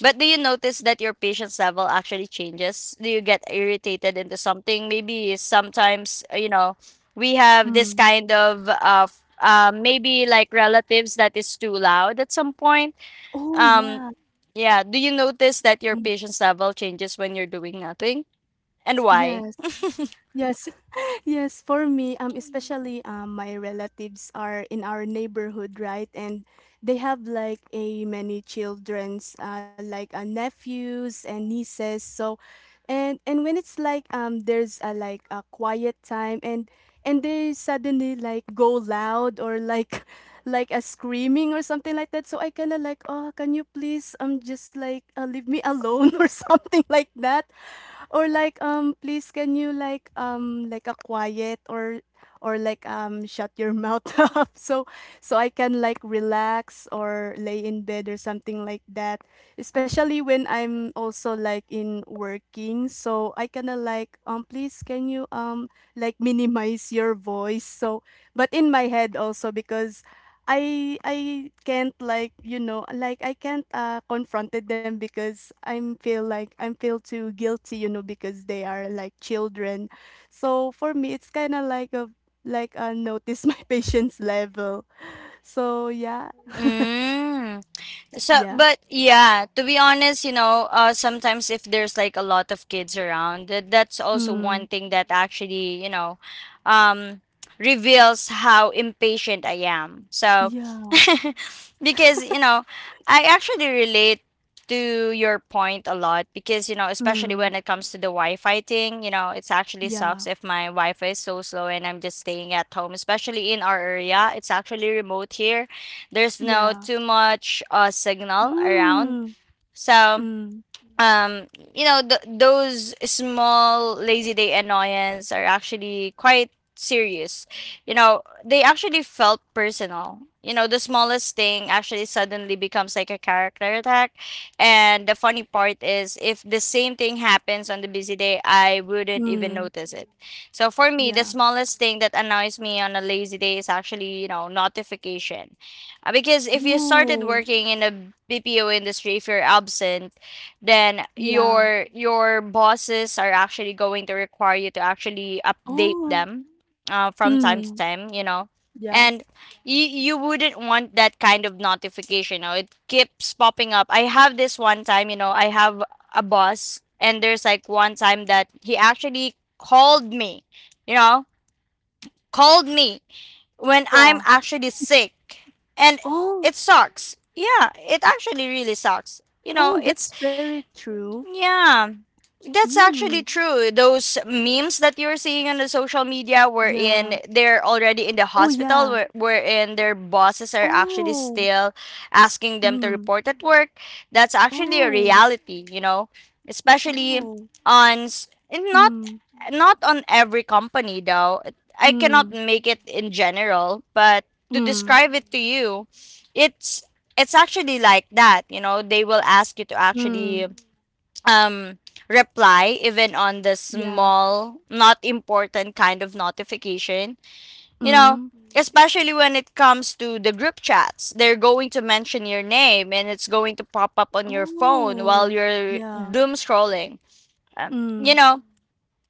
Speaker 1: But do you notice that your patience level actually changes? Do you get irritated into something? Maybe sometimes, you know, we have this
Speaker 2: Mm.
Speaker 1: kind of maybe like relatives that is too loud at some point.
Speaker 2: Oh,
Speaker 1: Um
Speaker 2: yeah.
Speaker 1: yeah, do you notice that your
Speaker 2: Mm.
Speaker 1: patience level changes when you're doing nothing? And why?
Speaker 2: Yes. Yes. Yes, for me, especially my relatives are in our neighborhood, right? And they have like a many childrens, like nephews and nieces. So, and when it's like there's a like a quiet time, and they suddenly like go loud or like like a screaming or something like that. So I kind of like, oh, can you please just like leave me alone or something like that. Or like, please can you like a quiet or like shut your mouth up so so I can like relax or lay in bed or something like that. Especially when I'm also like in working. So I kinda like please can you like minimize your voice. So but in my head also because I can't like you know like I can't confronted them because I'm feel like I'm feel too guilty, you know, because they are like children, so for me it's kind of like a like notice my patience level. So yeah,
Speaker 1: Mm. So,
Speaker 2: yeah,
Speaker 1: but yeah, to be honest, you know, sometimes if there's like a lot of kids around, that's also
Speaker 2: mm,
Speaker 1: one thing that actually, you know, um, reveals how impatient I am. So,
Speaker 2: yeah,
Speaker 1: because, you know, I actually relate to your point a lot because, you know, especially
Speaker 2: mm,
Speaker 1: when it comes to the Wi Fi thing, you know, it's actually
Speaker 2: yeah,
Speaker 1: sucks if my Wi Fi is so slow and I'm just staying at home, especially in our area. It's actually remote here. There's no
Speaker 2: yeah,
Speaker 1: too much signal around.
Speaker 2: mm,
Speaker 1: So
Speaker 2: mm,
Speaker 1: um you know those small lazy day annoyance are actually quite serious, you know. They actually felt personal, you know. The smallest thing actually suddenly becomes like a character attack. And the funny part is if the same thing happens on the busy day, I wouldn't even
Speaker 2: mm,
Speaker 1: notice it. So for me the
Speaker 2: yeah,
Speaker 1: smallest thing that annoys me on a lazy day is actually, you know, notification. Because if you started
Speaker 2: oh
Speaker 1: working in a bpo industry, if you're absent, then
Speaker 2: yeah,
Speaker 1: your bosses are actually going to require you to actually update
Speaker 2: oh,
Speaker 1: them from time to
Speaker 2: mm,
Speaker 1: time, you know.
Speaker 2: yeah,
Speaker 1: And you wouldn't want that kind of notification, you know? It keeps popping up. I have this one time, you know, I have a boss and there's like one time that he actually called me, you know, called me when I'm
Speaker 2: yeah,
Speaker 1: actually sick. And
Speaker 2: oh.
Speaker 1: it sucks. Yeah, it actually really sucks, you know.
Speaker 2: Oh,
Speaker 1: It's
Speaker 2: that's very true.
Speaker 1: yeah. That's actually
Speaker 2: Mm,
Speaker 1: true. Those memes that you're seeing on the social media wherein
Speaker 2: yeah.
Speaker 1: they're already in the
Speaker 2: Oh,
Speaker 1: hospital,
Speaker 2: yeah.
Speaker 1: wherein their bosses are actually
Speaker 2: Oh,
Speaker 1: still asking them to
Speaker 2: mm,
Speaker 1: report at work. That's actually a
Speaker 2: oh,
Speaker 1: reality, you know, especially
Speaker 2: oh,
Speaker 1: on, s- and not,
Speaker 2: mm,
Speaker 1: not on every company though. I cannot
Speaker 2: mm,
Speaker 1: make it in general, but to
Speaker 2: mm,
Speaker 1: describe it to you, it's, it's actually like that, you know, they will ask you to
Speaker 2: mm,
Speaker 1: actually um reply even on the
Speaker 2: yeah,
Speaker 1: small not important kind of notification, you know,
Speaker 2: mm,
Speaker 1: especially when it comes to the group chats. They're going to mention your name and it's going to pop up on your phone while
Speaker 2: oh,
Speaker 1: you're
Speaker 2: yeah,
Speaker 1: doom scrolling. um, you
Speaker 2: mm,
Speaker 1: know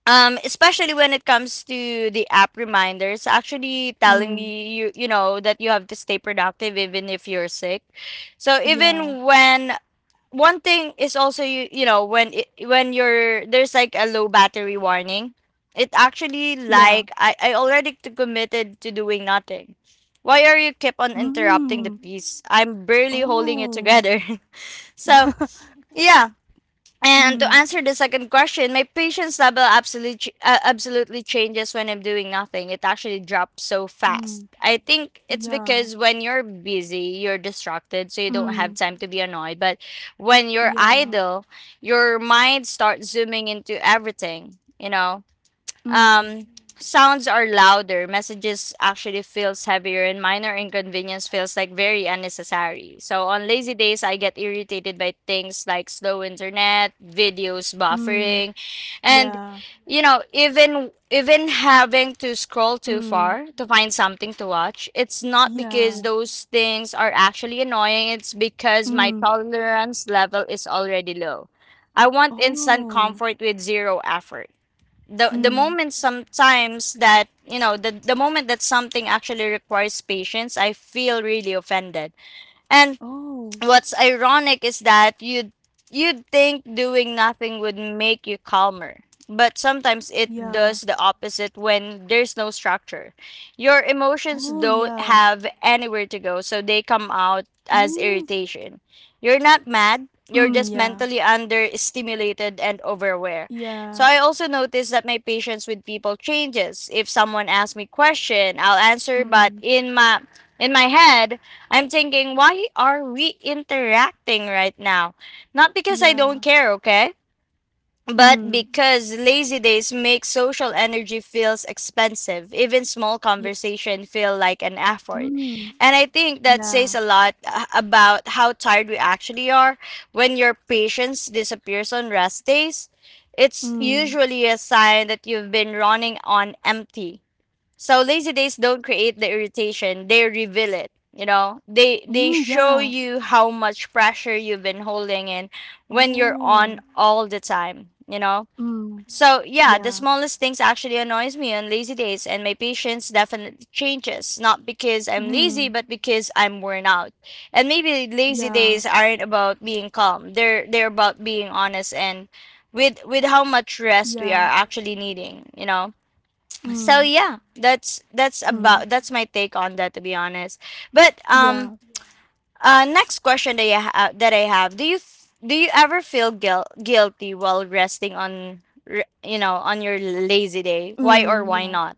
Speaker 1: Especially when it comes to the app reminders actually telling
Speaker 2: mm,
Speaker 1: me you know that you have to stay productive even if you're sick. So
Speaker 2: yeah,
Speaker 1: even when one thing is also you know when it when you're there's like a low battery warning, it
Speaker 2: yeah,
Speaker 1: actually like I already committed to doing nothing. Why are you keep on interrupting
Speaker 2: mm,
Speaker 1: the piece? I'm barely holding it
Speaker 2: oh,
Speaker 1: together. So yeah, and
Speaker 2: mm,
Speaker 1: to answer the second question, my patience level absolutely changes when I'm doing nothing. It actually drops so
Speaker 2: mm,
Speaker 1: fast. I think it's
Speaker 2: yeah,
Speaker 1: because when you're busy, you're distracted, so you don't
Speaker 2: mm,
Speaker 1: have time to be annoyed. But when you're
Speaker 2: yeah,
Speaker 1: idle, your mind starts zooming into everything, you know.
Speaker 2: mm,
Speaker 1: Um, sounds are louder. Messages actually feels heavier, and minor inconvenience feels like very unnecessary. So on lazy days, I get irritated by things like slow internet, videos
Speaker 2: mm,
Speaker 1: buffering, and
Speaker 2: yeah,
Speaker 1: you know, even even having to scroll too
Speaker 2: mm,
Speaker 1: far to find something to watch. It's not because
Speaker 2: yeah,
Speaker 1: those things are actually annoying. It's because my
Speaker 2: mm,
Speaker 1: tolerance level is already low. I want instant
Speaker 2: oh,
Speaker 1: comfort with zero effort. The
Speaker 2: mm.
Speaker 1: moment sometimes that you know, the moment that something actually requires patience, I feel really offended. And
Speaker 2: Oh,
Speaker 1: what's ironic is that you'd think doing nothing would make you calmer, but sometimes it
Speaker 2: yeah.
Speaker 1: does the opposite. When there's no structure, your emotions
Speaker 2: Oh,
Speaker 1: don't
Speaker 2: yeah.
Speaker 1: have anywhere to go, so they come out as
Speaker 2: Mm.
Speaker 1: irritation. You're not mad, you're
Speaker 2: Mm,
Speaker 1: just
Speaker 2: yeah.
Speaker 1: mentally understimulated and overaware.
Speaker 2: Yeah.
Speaker 1: So I also notice that my patience with people changes. If someone asks me question, I'll answer,
Speaker 2: Mm.
Speaker 1: but in my head I'm thinking, why are we interacting right now? Not because I
Speaker 2: Yeah.
Speaker 1: don't care, okay? But
Speaker 2: Mm.
Speaker 1: because lazy days make social energy feels expensive. Even small
Speaker 2: Ye
Speaker 1: conversation feel like an effort.
Speaker 2: mm.
Speaker 1: And I think that
Speaker 2: Yeah.
Speaker 1: says a lot about how tired we actually are when your patience disappears on rest days. It's
Speaker 2: Mm.
Speaker 1: usually a sign that you've been running on empty. So lazy days don't create the irritation, they reveal it. You know, they
Speaker 2: Mm,
Speaker 1: show
Speaker 2: yeah.
Speaker 1: you how much pressure you've been holding in when you're on
Speaker 2: Oh.
Speaker 1: all the time, you know?
Speaker 2: Mm.
Speaker 1: So yeah, the
Speaker 2: Yeah.
Speaker 1: smallest things actually annoys me on lazy days and my patience definitely changes, not because I'm lazy,
Speaker 2: Mm.
Speaker 1: but because I'm worn out. And maybe lazy
Speaker 2: Yeah.
Speaker 1: days aren't about being calm. They're about being honest and with how much rest we
Speaker 2: Yeah.
Speaker 1: are actually needing, you know? So
Speaker 2: Mm.
Speaker 1: yeah,
Speaker 2: Mm.
Speaker 1: that's my take on that, to be honest. But
Speaker 2: Yeah.
Speaker 1: next question that I have: do you do you ever feel guilty while resting on you know on your lazy day? Why or
Speaker 2: Mm,
Speaker 1: why
Speaker 2: yeah.
Speaker 1: not?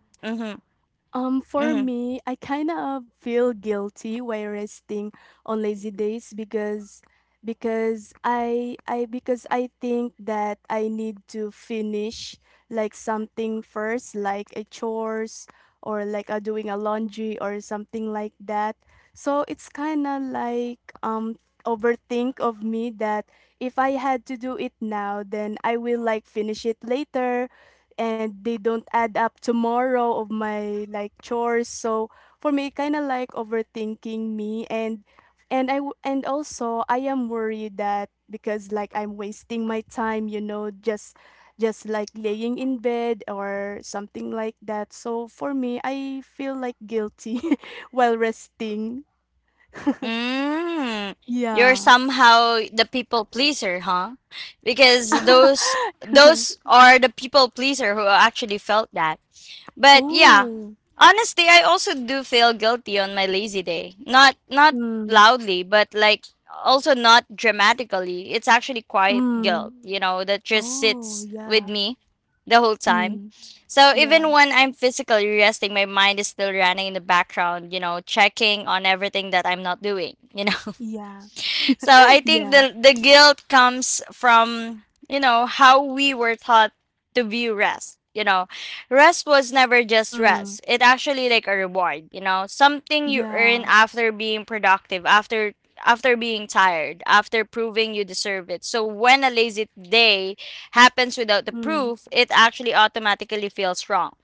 Speaker 2: For
Speaker 1: Hmm.
Speaker 2: me, I kind of feel guilty while resting on lazy days because I because I think that I need to finish like something first, like a chores or like a doing a laundry or something like that. So it's kind of like overthink of me that if I had to do it now, then I will like finish it later and they don't add up tomorrow of my like chores. So for me kind of like overthinking me and and also I am worried that because like I'm wasting my time, you know, just like laying in bed or something like that. So for me I feel like guilty while resting.
Speaker 1: Mm, you're
Speaker 2: Yeah.
Speaker 1: somehow the people pleaser, huh? Because those are the people pleaser who actually felt that. But yeah,
Speaker 2: Oh.
Speaker 1: honestly, I also do feel guilty on my lazy day. Not not
Speaker 2: mm,
Speaker 1: loudly, but like also not dramatically. It's actually quiet
Speaker 2: mm.
Speaker 1: guilt, that just
Speaker 2: Oh,
Speaker 1: sits with
Speaker 2: yeah.
Speaker 1: me the whole time.
Speaker 2: mm,
Speaker 1: So
Speaker 2: yeah,
Speaker 1: even when I'm physically resting, my mind is still running in the background, checking on everything that I'm not doing,
Speaker 2: yeah.
Speaker 1: so I think
Speaker 2: Yeah.
Speaker 1: the guilt comes from you know how we were taught to view rest. You know, rest was never just
Speaker 2: Mm.
Speaker 1: rest. It actually like a reward. You know, something you earn
Speaker 2: Yeah.
Speaker 1: after being productive, after after being tired, after proving you deserve it. So when a lazy day happens without the
Speaker 2: Mm.
Speaker 1: proof, it actually automatically feels wrong.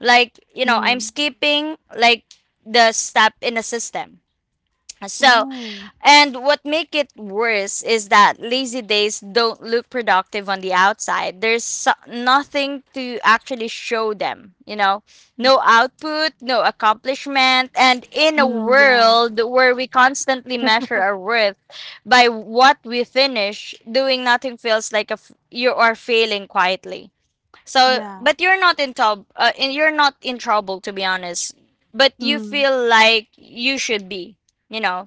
Speaker 1: Like you know, I'm
Speaker 2: Mm.
Speaker 1: skipping like the step in the system so,
Speaker 2: Oh.
Speaker 1: and what make it worse is that lazy days don't look productive on the outside. There's nothing to actually show them.
Speaker 2: Y
Speaker 1: No output, no accomplishment, and in a
Speaker 2: Mm. Yeah.
Speaker 1: world where we constantly measure our worth by what we finish, doing nothing feels like a you are failing quietly. So,
Speaker 2: Yeah.
Speaker 1: but you're not in trouble. You're not in trouble, to be honest. But you
Speaker 2: Mm.
Speaker 1: feel like you should be you know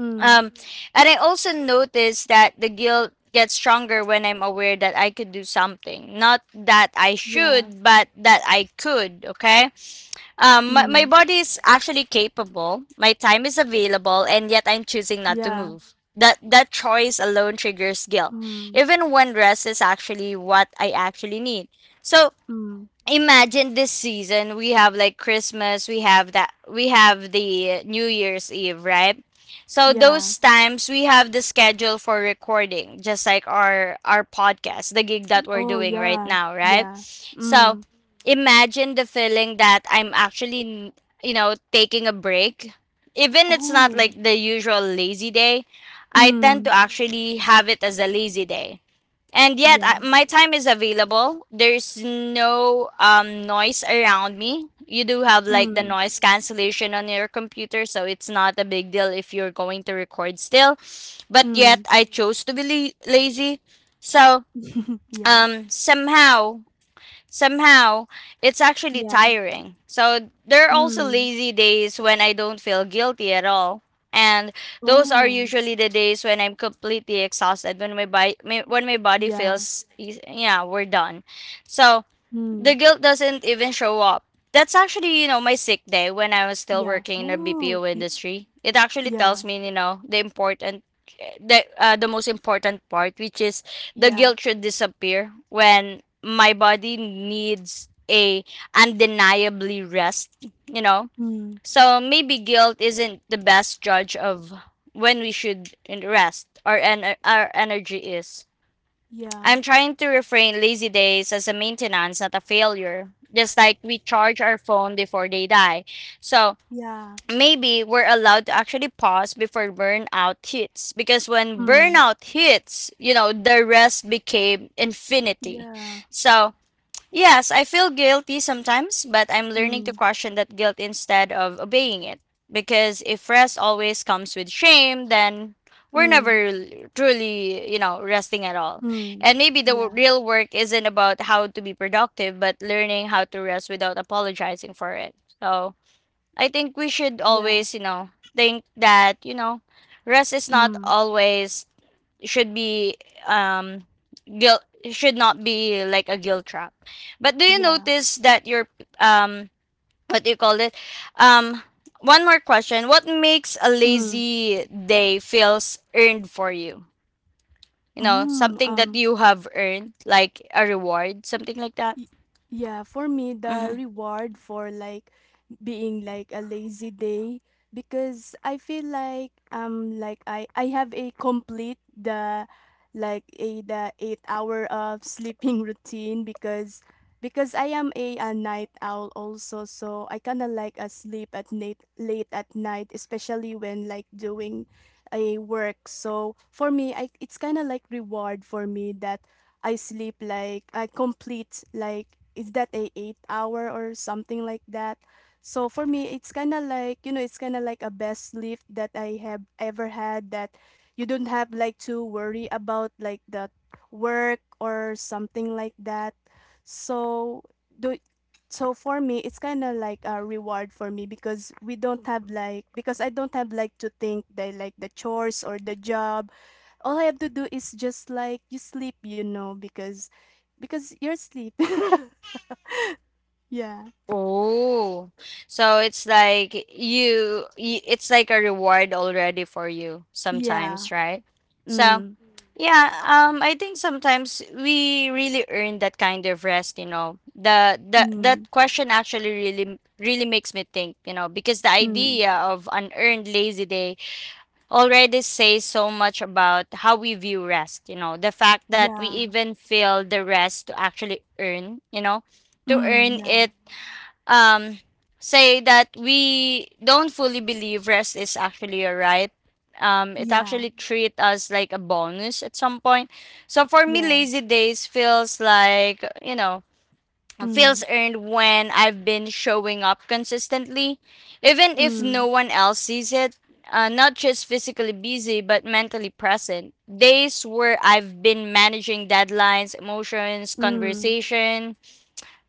Speaker 2: Mm.
Speaker 1: um, and I also notice that the guilt gets stronger when I'm aware that I could do something. Not that I
Speaker 2: Yeah.
Speaker 1: should, but that I could, okay? My
Speaker 2: Mm.
Speaker 1: body is actually capable, my time is available, and yet I'm choosing not to
Speaker 2: Yeah.
Speaker 1: move. That choice alone triggers guilt,
Speaker 2: Mm.
Speaker 1: even when rest is actually what I actually need. So,
Speaker 2: Mm.
Speaker 1: imagine this season we have like Christmas, we have that, we have the New Year's Eve, right? So
Speaker 2: Yeah.
Speaker 1: those times we have the schedule for recording just like our podcast, the gig that
Speaker 2: Y
Speaker 1: we're
Speaker 2: Oh,
Speaker 1: doing right
Speaker 2: yeah.
Speaker 1: now, right?
Speaker 2: Yeah.
Speaker 1: So
Speaker 2: Mm.
Speaker 1: imagine the feeling that I'm actually you know taking a break, even it's not
Speaker 2: Oh.
Speaker 1: like the usual lazy day, I tend to
Speaker 2: Mm.
Speaker 1: actually have it as a lazy day. And yet, I,
Speaker 2: Yeah.
Speaker 1: my time is available. There's no noise around me. You do have like the
Speaker 2: Mm.
Speaker 1: noise cancellation on your computer, so it's not a big deal if you're going to record still. But yet,
Speaker 2: Mm.
Speaker 1: I chose to be lazy. So,
Speaker 2: Yeah.
Speaker 1: somehow, somehow it's actually
Speaker 2: Yeah.
Speaker 1: tiring. So there are also
Speaker 2: Mm.
Speaker 1: lazy days when I don't feel guilty at all. And those are
Speaker 2: Oh.
Speaker 1: usually the days when I'm completely exhausted, when my body
Speaker 2: Yeah.
Speaker 1: feels yeah, we're done. So the
Speaker 2: Mm.
Speaker 1: guilt doesn't even show up. That's actually, you know, my sick day when I was still
Speaker 2: Yeah.
Speaker 1: working in the
Speaker 2: Oh.
Speaker 1: BPO
Speaker 2: Y
Speaker 1: industry. It actually tells
Speaker 2: yeah.
Speaker 1: me, you know, the important the most important part, which is the
Speaker 2: Yeah.
Speaker 1: guilt should disappear when my body needs a undeniably rest, you know.
Speaker 2: Mm.
Speaker 1: So maybe guilt isn't the best judge of when we should rest our our energy is.
Speaker 2: Yeah.
Speaker 1: I'm trying to refrain lazy days as a maintenance, not a failure. Just like we charge our phone before they die. So
Speaker 2: Yeah.
Speaker 1: maybe we're allowed to actually pause before burnout hits. Because when
Speaker 2: Mm.
Speaker 1: burnout hits, you know, the rest became infinity.
Speaker 2: Yeah.
Speaker 1: So yes, I feel guilty sometimes, but I'm learning to
Speaker 2: Mm,
Speaker 1: question that guilt instead of obeying it. Because if rest always comes with shame, then we're never
Speaker 2: mm,
Speaker 1: really- truly, you know, resting at all.
Speaker 2: mm.
Speaker 1: And maybe the
Speaker 2: Yeah,
Speaker 1: real work isn't about how to be productive, but learning how to rest without apologizing for it. So I think we should
Speaker 2: yeah.
Speaker 1: always, you know, think that, you know, rest is not
Speaker 2: Mm,
Speaker 1: always should be um guilt should not be like a guilt trap. But do you
Speaker 2: yeah.
Speaker 1: notice that your um what do you call it? Um one more question. What makes a
Speaker 2: Mm,
Speaker 1: lazy day feels earned for you? You know,
Speaker 2: mm,
Speaker 1: something that you have earned, like a reward, something like that.
Speaker 2: Y- yeah, for me, the
Speaker 1: Mm-hmm.
Speaker 2: reward for like being like a lazy day because I feel like I have a complete the like a the 8 hour of sleeping routine because I am a night owl also, so I kind of like a sleep at night, late at night, especially when like doing a work. So for me, I it's kind of like reward for me that I sleep like I complete like is that a 8 hour or something like that. So for me it's kind of like, it's kind of like a best sleep that I have ever had, that you don't have like to worry about like the work or something like that. So do so for me it's kind of like a reward for me because I don't have like to think that like the chores or the job. All I have to do is just like you sleep, you know, because you're asleep. Yeah.
Speaker 1: Oh, so it's like you, y it's like a reward already for you
Speaker 2: Yeah.
Speaker 1: sometimes, right? So,
Speaker 2: Mm.
Speaker 1: yeah, I think sometimes we really earn that kind of rest, you know. The
Speaker 2: Mm.
Speaker 1: That question actually really makes me think, you know, because the
Speaker 2: Mm.
Speaker 1: idea of unearned lazy day already says so much about how we view rest, you know. The fact that we
Speaker 2: Yeah.
Speaker 1: even feel the rest to actually earn, you know, to
Speaker 2: Mm.
Speaker 1: earn
Speaker 2: Yeah.
Speaker 1: it um, say that we don't fully believe rest is actually a right. It
Speaker 2: Yeah.
Speaker 1: actually treat us like a bonus at some point. So for me,
Speaker 2: Yes.
Speaker 1: lazy days feels like you know feels
Speaker 2: Mm.
Speaker 1: earned when I've been showing up consistently, even if no
Speaker 2: Mm.
Speaker 1: one else sees it. Not just physically busy, but mentally present. Days where I've been managing deadlines, emotions,
Speaker 2: Mm.
Speaker 1: conversation,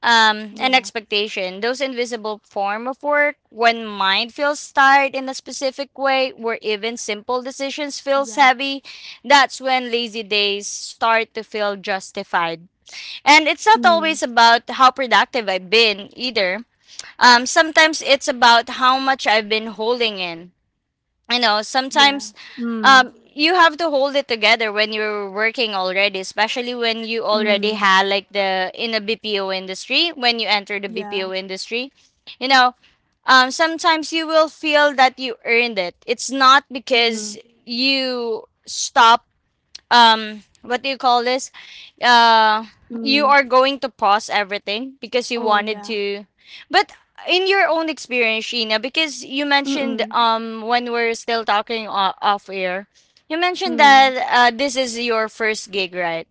Speaker 1: and
Speaker 2: Yeah.
Speaker 1: expectation. Those invisible form of work, when mind feels tired in a specific way, where even simple decisions
Speaker 2: Yeah.
Speaker 1: feels heavy, that's when lazy days start to feel justified. And it's not
Speaker 2: Mm.
Speaker 1: always about how productive I've been either. Sometimes it's about how much I've been holding in you know
Speaker 2: Yeah.
Speaker 1: sometimes
Speaker 2: Mm.
Speaker 1: you have to hold it together when you're working already, especially when you already
Speaker 2: Mm.
Speaker 1: had like the in a BPO industry, when you enter the
Speaker 2: Yeah.
Speaker 1: BPO industry you know sometimes you will feel that you earned it, it's not
Speaker 2: Mm.
Speaker 1: because you stop what do you call this uh you
Speaker 2: Mm.
Speaker 1: are going to pause everything because you
Speaker 2: Oh
Speaker 1: wanted
Speaker 2: yeah.
Speaker 1: to but in your own experience Sheena, because you
Speaker 2: Mm.
Speaker 1: mentioned
Speaker 2: Mm.
Speaker 1: when we're still talking off air, you mentioned
Speaker 2: Mm.
Speaker 1: that this is your first gig, right?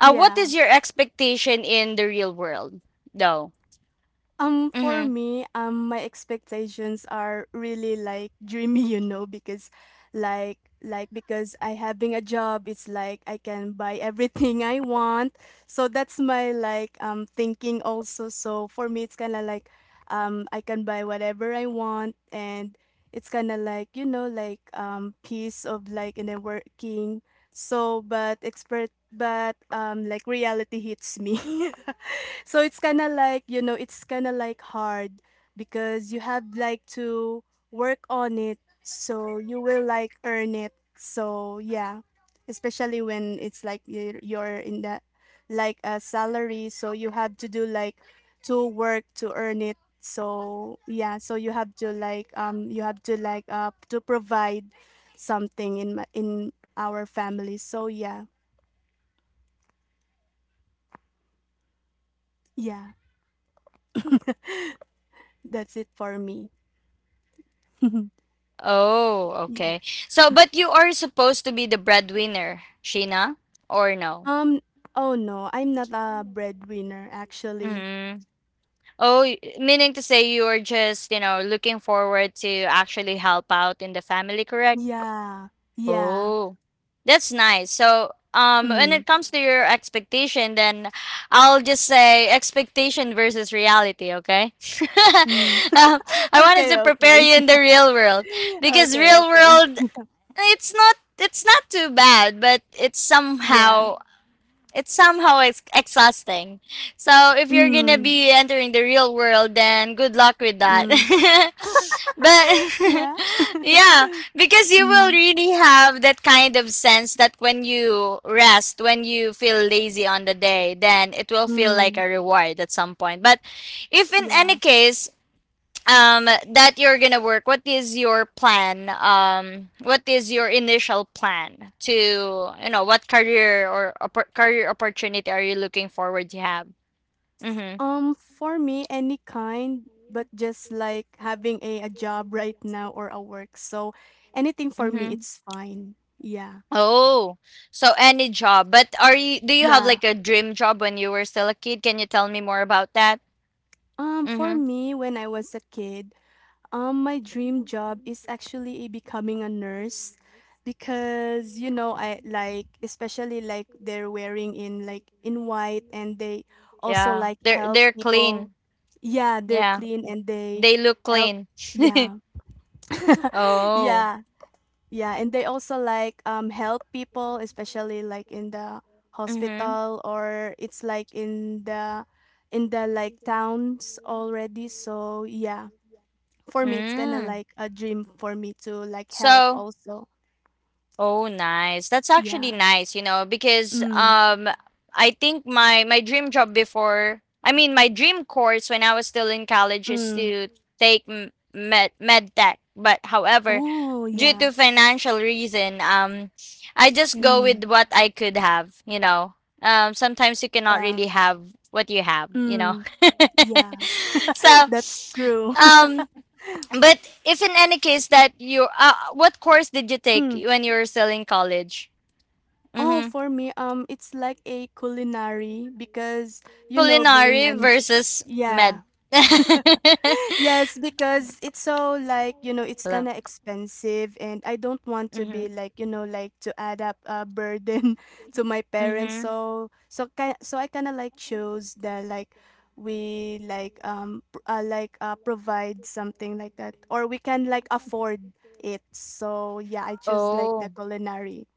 Speaker 1: Uh what
Speaker 2: Yeah.
Speaker 1: is your expectation in the real world though?
Speaker 2: Um, for
Speaker 1: Mm-hmm.
Speaker 2: me, um, my expectations are really like dreamy, you know, because like like because I having a job, it's like I can buy everything I want. So that's my like thinking also. So for me, it's kind of like, I can buy whatever I want, and it's kind of like, you know, like piece of like in a working. So but expert but like reality hits me. So it's kind of like, you know, it's kind of like hard because you have like to work on it so you will like earn it. So yeah, especially when it's like you're in that like a salary, so you have to do like to work to earn it. So yeah, so you have to like to provide something in my, in our family. So yeah. Yeah, that's it for me.
Speaker 1: Oh okay, so but you are supposed to be the breadwinner Sheena, or no?
Speaker 2: Um, oh no, I'm not a breadwinner actually.
Speaker 1: Mm-hmm. Oh, meaning to say you're just, you know, looking forward to actually help out in the family, correct?
Speaker 2: Yeah, yeah.
Speaker 1: Oh, that's nice. So, when
Speaker 2: Mm,
Speaker 1: it comes to your expectation, then I'll just say expectation versus reality, okay?
Speaker 2: mm.
Speaker 1: um, I wanted
Speaker 2: Okay,
Speaker 1: to prepare
Speaker 2: okay.
Speaker 1: you in the real world because
Speaker 2: Okay,
Speaker 1: real
Speaker 2: okay.
Speaker 1: world, it's not too bad, but
Speaker 2: Yeah.
Speaker 1: it's somehow exhausting. So if you're gonna
Speaker 2: Mm,
Speaker 1: be entering the real world, then good luck with
Speaker 2: mm.
Speaker 1: that. but
Speaker 2: Yeah.
Speaker 1: yeah, because you will
Speaker 2: Mm,
Speaker 1: really have that kind of sense that when you rest, when you feel lazy on the day, then it will feel like
Speaker 2: mm.
Speaker 1: a reward at some point. But if in any
Speaker 2: Yeah.
Speaker 1: case that you're gonna work, what is your plan, what is your initial plan to you know what career or career opportunity are you looking forward to have? Mm-hmm.
Speaker 2: For me, any kind, but just like having a job right now or a work. So anything for me,
Speaker 1: Mm-hmm.
Speaker 2: it's fine. Yeah.
Speaker 1: Oh, so any job, but are you do you have
Speaker 2: Yeah.
Speaker 1: like a dream job when you were still a kid? Can you tell me more about that?
Speaker 2: For
Speaker 1: Mm-hmm.
Speaker 2: me, when I was a kid, my dream job is actually becoming a nurse because, you know, I like especially like they're wearing in like in white, and they also
Speaker 1: Yeah,
Speaker 2: like help
Speaker 1: they're clean.
Speaker 2: people. Yeah, they're
Speaker 1: Yeah,
Speaker 2: clean and they
Speaker 1: they look
Speaker 2: help.
Speaker 1: clean.
Speaker 2: Yeah.
Speaker 1: oh
Speaker 2: Yeah. Yeah, and they also like help people, especially like in the
Speaker 1: mm-hmm
Speaker 2: hospital or it's like in the like towns already. So, yeah. For me, it's kinda
Speaker 1: mm.
Speaker 2: like a dream for me to, like, help
Speaker 1: So
Speaker 2: also.
Speaker 1: oh, nice. That's actually
Speaker 2: Yeah.
Speaker 1: nice, you know, because
Speaker 2: Mm,
Speaker 1: I think my dream job before, I mean my dream course when I was still in college is
Speaker 2: mm.
Speaker 1: to take med tech. But however,
Speaker 2: Oh,
Speaker 1: due
Speaker 2: yeah.
Speaker 1: to financial reason, I just go
Speaker 2: Mm,
Speaker 1: with what I could have, you know. Sometimes you cannot
Speaker 2: yeah.
Speaker 1: really have what you have, you know.
Speaker 2: Mm, yeah.
Speaker 1: so,
Speaker 2: That's true.
Speaker 1: um but if in any case that you, what course did you take
Speaker 2: Mm.
Speaker 1: when you were still in college?
Speaker 2: Oh,
Speaker 1: Mm-hmm.
Speaker 2: for me, it's like a culinary because, you know, being
Speaker 1: Culinary
Speaker 2: an
Speaker 1: versus
Speaker 2: yeah.
Speaker 1: med. Hello.
Speaker 2: Yes, because it's so like, you know, it's kind of expensive and I don't want to be
Speaker 1: Mm-hmm.
Speaker 2: like, you know, like to add up a burden to my parents.
Speaker 1: Mm-hmm.
Speaker 2: So so kind so I kind of like chose that like we like like provide something like that or we can like afford it. So yeah, I choose like the
Speaker 1: Oh.
Speaker 2: culinary.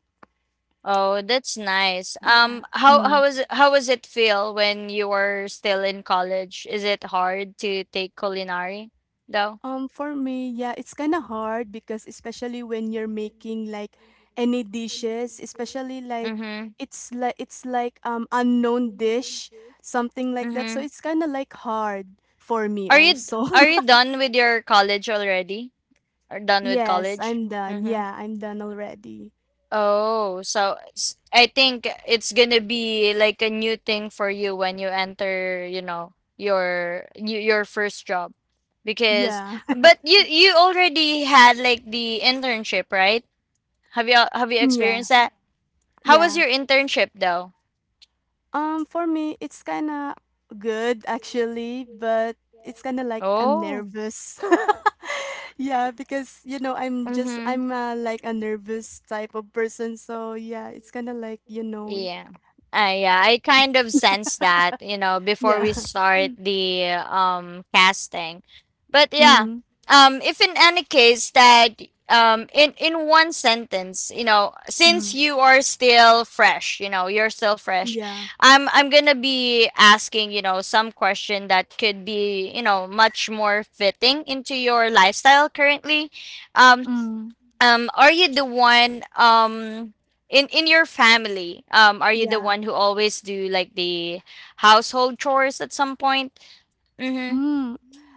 Speaker 1: Oh, that's nice.
Speaker 2: Yeah. Mm.
Speaker 1: How was it feel when you were still in college? Is it hard to take culinary though?
Speaker 2: For me, yeah, it's kind of hard because especially when you're making like any dishes, especially like
Speaker 1: Mm-hmm.
Speaker 2: it's like unknown dish, something like that. So
Speaker 1: Mm-hmm.
Speaker 2: it's kind of like hard for me
Speaker 1: Are you
Speaker 2: also.
Speaker 1: are you done with your college already? Or done with
Speaker 2: Yes,
Speaker 1: college?
Speaker 2: I'm done.
Speaker 1: Mm-hmm.
Speaker 2: Yeah, I'm done already.
Speaker 1: Oh, so I think it's gonna be like a new thing for you when you enter, you know, your your first job. Because
Speaker 2: Yeah.
Speaker 1: but you already had like the internship, right? Have you
Speaker 2: Yeah.
Speaker 1: experienced that? How was
Speaker 2: Yeah.
Speaker 1: your internship though?
Speaker 2: For me, it's kind of good actually, but it's kind of like I'm
Speaker 1: Oh.
Speaker 2: nervous. Yeah, because, you know, I'm just
Speaker 1: Mm-hmm.
Speaker 2: I'm like a nervous type of person, so yeah, it's kind of like, you know,
Speaker 1: Yeah. Yeah, I kind of sense that, you know, before
Speaker 2: yeah.
Speaker 1: we start the casting. But yeah,
Speaker 2: Mm,
Speaker 1: if in any case that in one sentence, you know, since
Speaker 2: mm,
Speaker 1: you are still fresh, you know, you're still fresh.
Speaker 2: yeah.
Speaker 1: I'm going to be asking, you know, some question that could be, you know, much more fitting into your lifestyle currently. Um
Speaker 2: Mm,
Speaker 1: are you the one in your family? Are you the
Speaker 2: yeah.
Speaker 1: one who always do like the household chores at some point? Mm-hmm.
Speaker 2: Mm.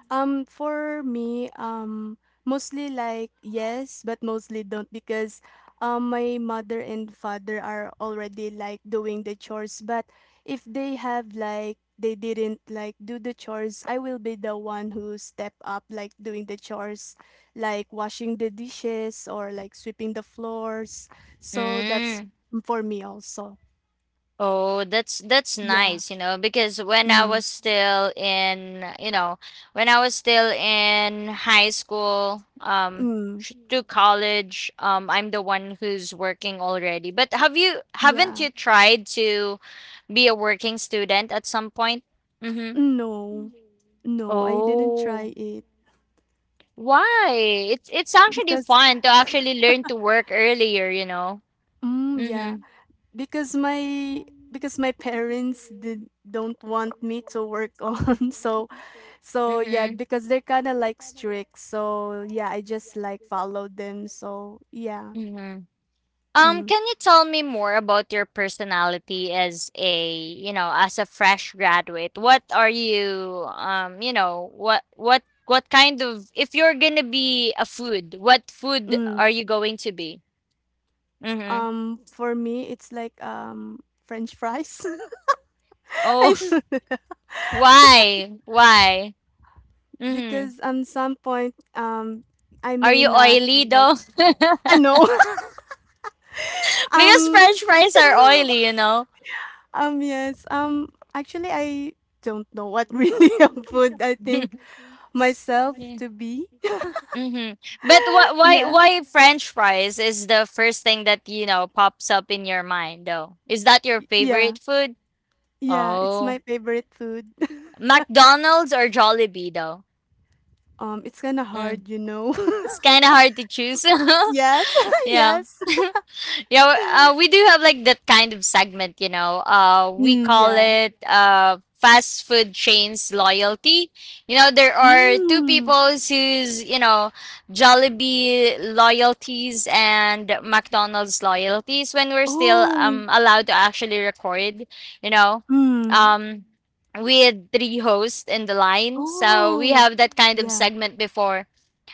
Speaker 2: For me, mostly like yes, but mostly don't because my mother and father are already like doing the chores, but if they have like they didn't like do the chores, I will be the one who step up like doing the chores, like washing the dishes or like sweeping the floors. So that's
Speaker 1: Mm.
Speaker 2: for me also.
Speaker 1: Oh, that's
Speaker 2: Yeah.
Speaker 1: nice, you know, because when I
Speaker 2: Mm.
Speaker 1: was still in, you know, when I was still in high school,
Speaker 2: Mm.
Speaker 1: to college, I'm the one who's working already. But haven't
Speaker 2: Yeah.
Speaker 1: you tried to be a working student at some point? Mm-hmm.
Speaker 2: No. No, I didn't
Speaker 1: Oh.
Speaker 2: try it
Speaker 1: Why? It's actually
Speaker 2: because
Speaker 1: fun to actually learn to work earlier, you know.
Speaker 2: mm, yeah,
Speaker 1: Mhm.
Speaker 2: because my because my parents did don't want me to work on. So so yeah,
Speaker 1: Mhm.
Speaker 2: because they're kind of like strict. So yeah, I just like followed them. So yeah.
Speaker 1: Mhm.
Speaker 2: Mm.
Speaker 1: Can you tell me more about your personality as a, you know, as a fresh graduate? What are you you know, what kind of if you're going to be a food, what food
Speaker 2: Mm.
Speaker 1: are you going to be? Mhm.
Speaker 2: For me, it's like French fries. I
Speaker 1: Oh,
Speaker 2: don't know.
Speaker 1: why? Why? Mhm.
Speaker 2: Because at some point, I
Speaker 1: Are
Speaker 2: may
Speaker 1: you
Speaker 2: not
Speaker 1: oily
Speaker 2: like.
Speaker 1: though?
Speaker 2: I know.
Speaker 1: Because
Speaker 2: um.
Speaker 1: French fries are oily, you know.
Speaker 2: Yes. Actually, I don't know what really a food I think myself
Speaker 1: Yeah.
Speaker 2: to be.
Speaker 1: Mm-hmm. But wh- why
Speaker 2: Yeah,
Speaker 1: why French fries is the first thing that pops up in your mind though? Is that your
Speaker 2: yeah,
Speaker 1: favorite food?
Speaker 2: yeah. It's
Speaker 1: Oh,
Speaker 2: my favorite food.
Speaker 1: McDonald's or Jollibee though?
Speaker 2: It's kind of
Speaker 1: Mm.
Speaker 2: hard, you know.
Speaker 1: It's kind of hard to choose.
Speaker 2: Yes,
Speaker 1: Yeah.
Speaker 2: yes.
Speaker 1: We do have like that kind of segment, you know. We
Speaker 2: Mm,
Speaker 1: call
Speaker 2: yeah.
Speaker 1: it fast food chains loyalty. You know, there are two
Speaker 2: Mm.
Speaker 1: people whose Jollibee loyalties and McDonald's loyalties when we're still
Speaker 2: Oh.
Speaker 1: allowed to actually record. You know,
Speaker 2: Mm.
Speaker 1: um. We had three hosts in the line, so we
Speaker 2: Oh.
Speaker 1: have that kind of
Speaker 2: Yeah.
Speaker 1: segment before.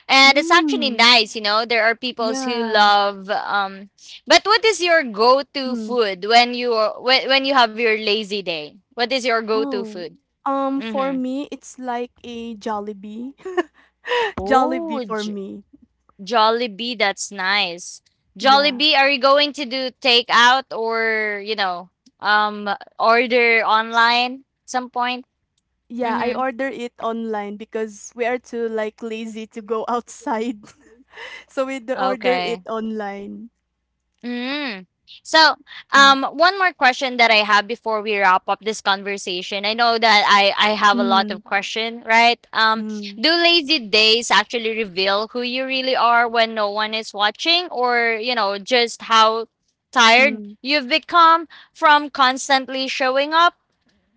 Speaker 1: And it's actually
Speaker 2: Mm.
Speaker 1: nice, you know. There are peoples who
Speaker 2: Yeah.
Speaker 1: love but what is your go-to
Speaker 2: Mm.
Speaker 1: food when when you have your lazy day? What is your go-to
Speaker 2: Oh.
Speaker 1: food?
Speaker 2: For
Speaker 1: Mhm.
Speaker 2: me, it's like a Jollibee. Jollibee
Speaker 1: Oh,
Speaker 2: for me.
Speaker 1: Jollibee, that's nice.
Speaker 2: Yeah.
Speaker 1: Jollibee, are you going to do takeout or, um order online at some point?
Speaker 2: Yeah, I
Speaker 1: Mhm.
Speaker 2: order it online because we are too like lazy to go outside. So order it
Speaker 1: Okay.
Speaker 2: online.
Speaker 1: Mm. So,
Speaker 2: Mm.
Speaker 1: one more question that I have before we wrap up this conversation. I know that I have a lot
Speaker 2: Mm,
Speaker 1: of question, right?
Speaker 2: mm,
Speaker 1: Do lazy days actually reveal who you really are when no one is watching, or you know, just how tired
Speaker 2: mm.
Speaker 1: you've become from constantly showing up?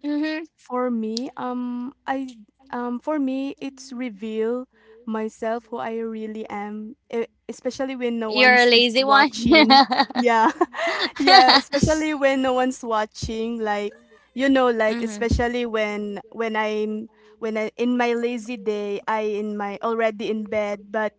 Speaker 1: Mm-hmm.
Speaker 2: For me, um, I for me, it's reveal myself who I really am, especially when no
Speaker 1: You're
Speaker 2: one's
Speaker 1: a
Speaker 2: is
Speaker 1: lazy one.
Speaker 2: watching. Yeah, yeah, especially when no one's watching, like, you know, like
Speaker 1: Mm-hmm.
Speaker 2: especially when I'm, when I in my lazy day, I in my already in bed, but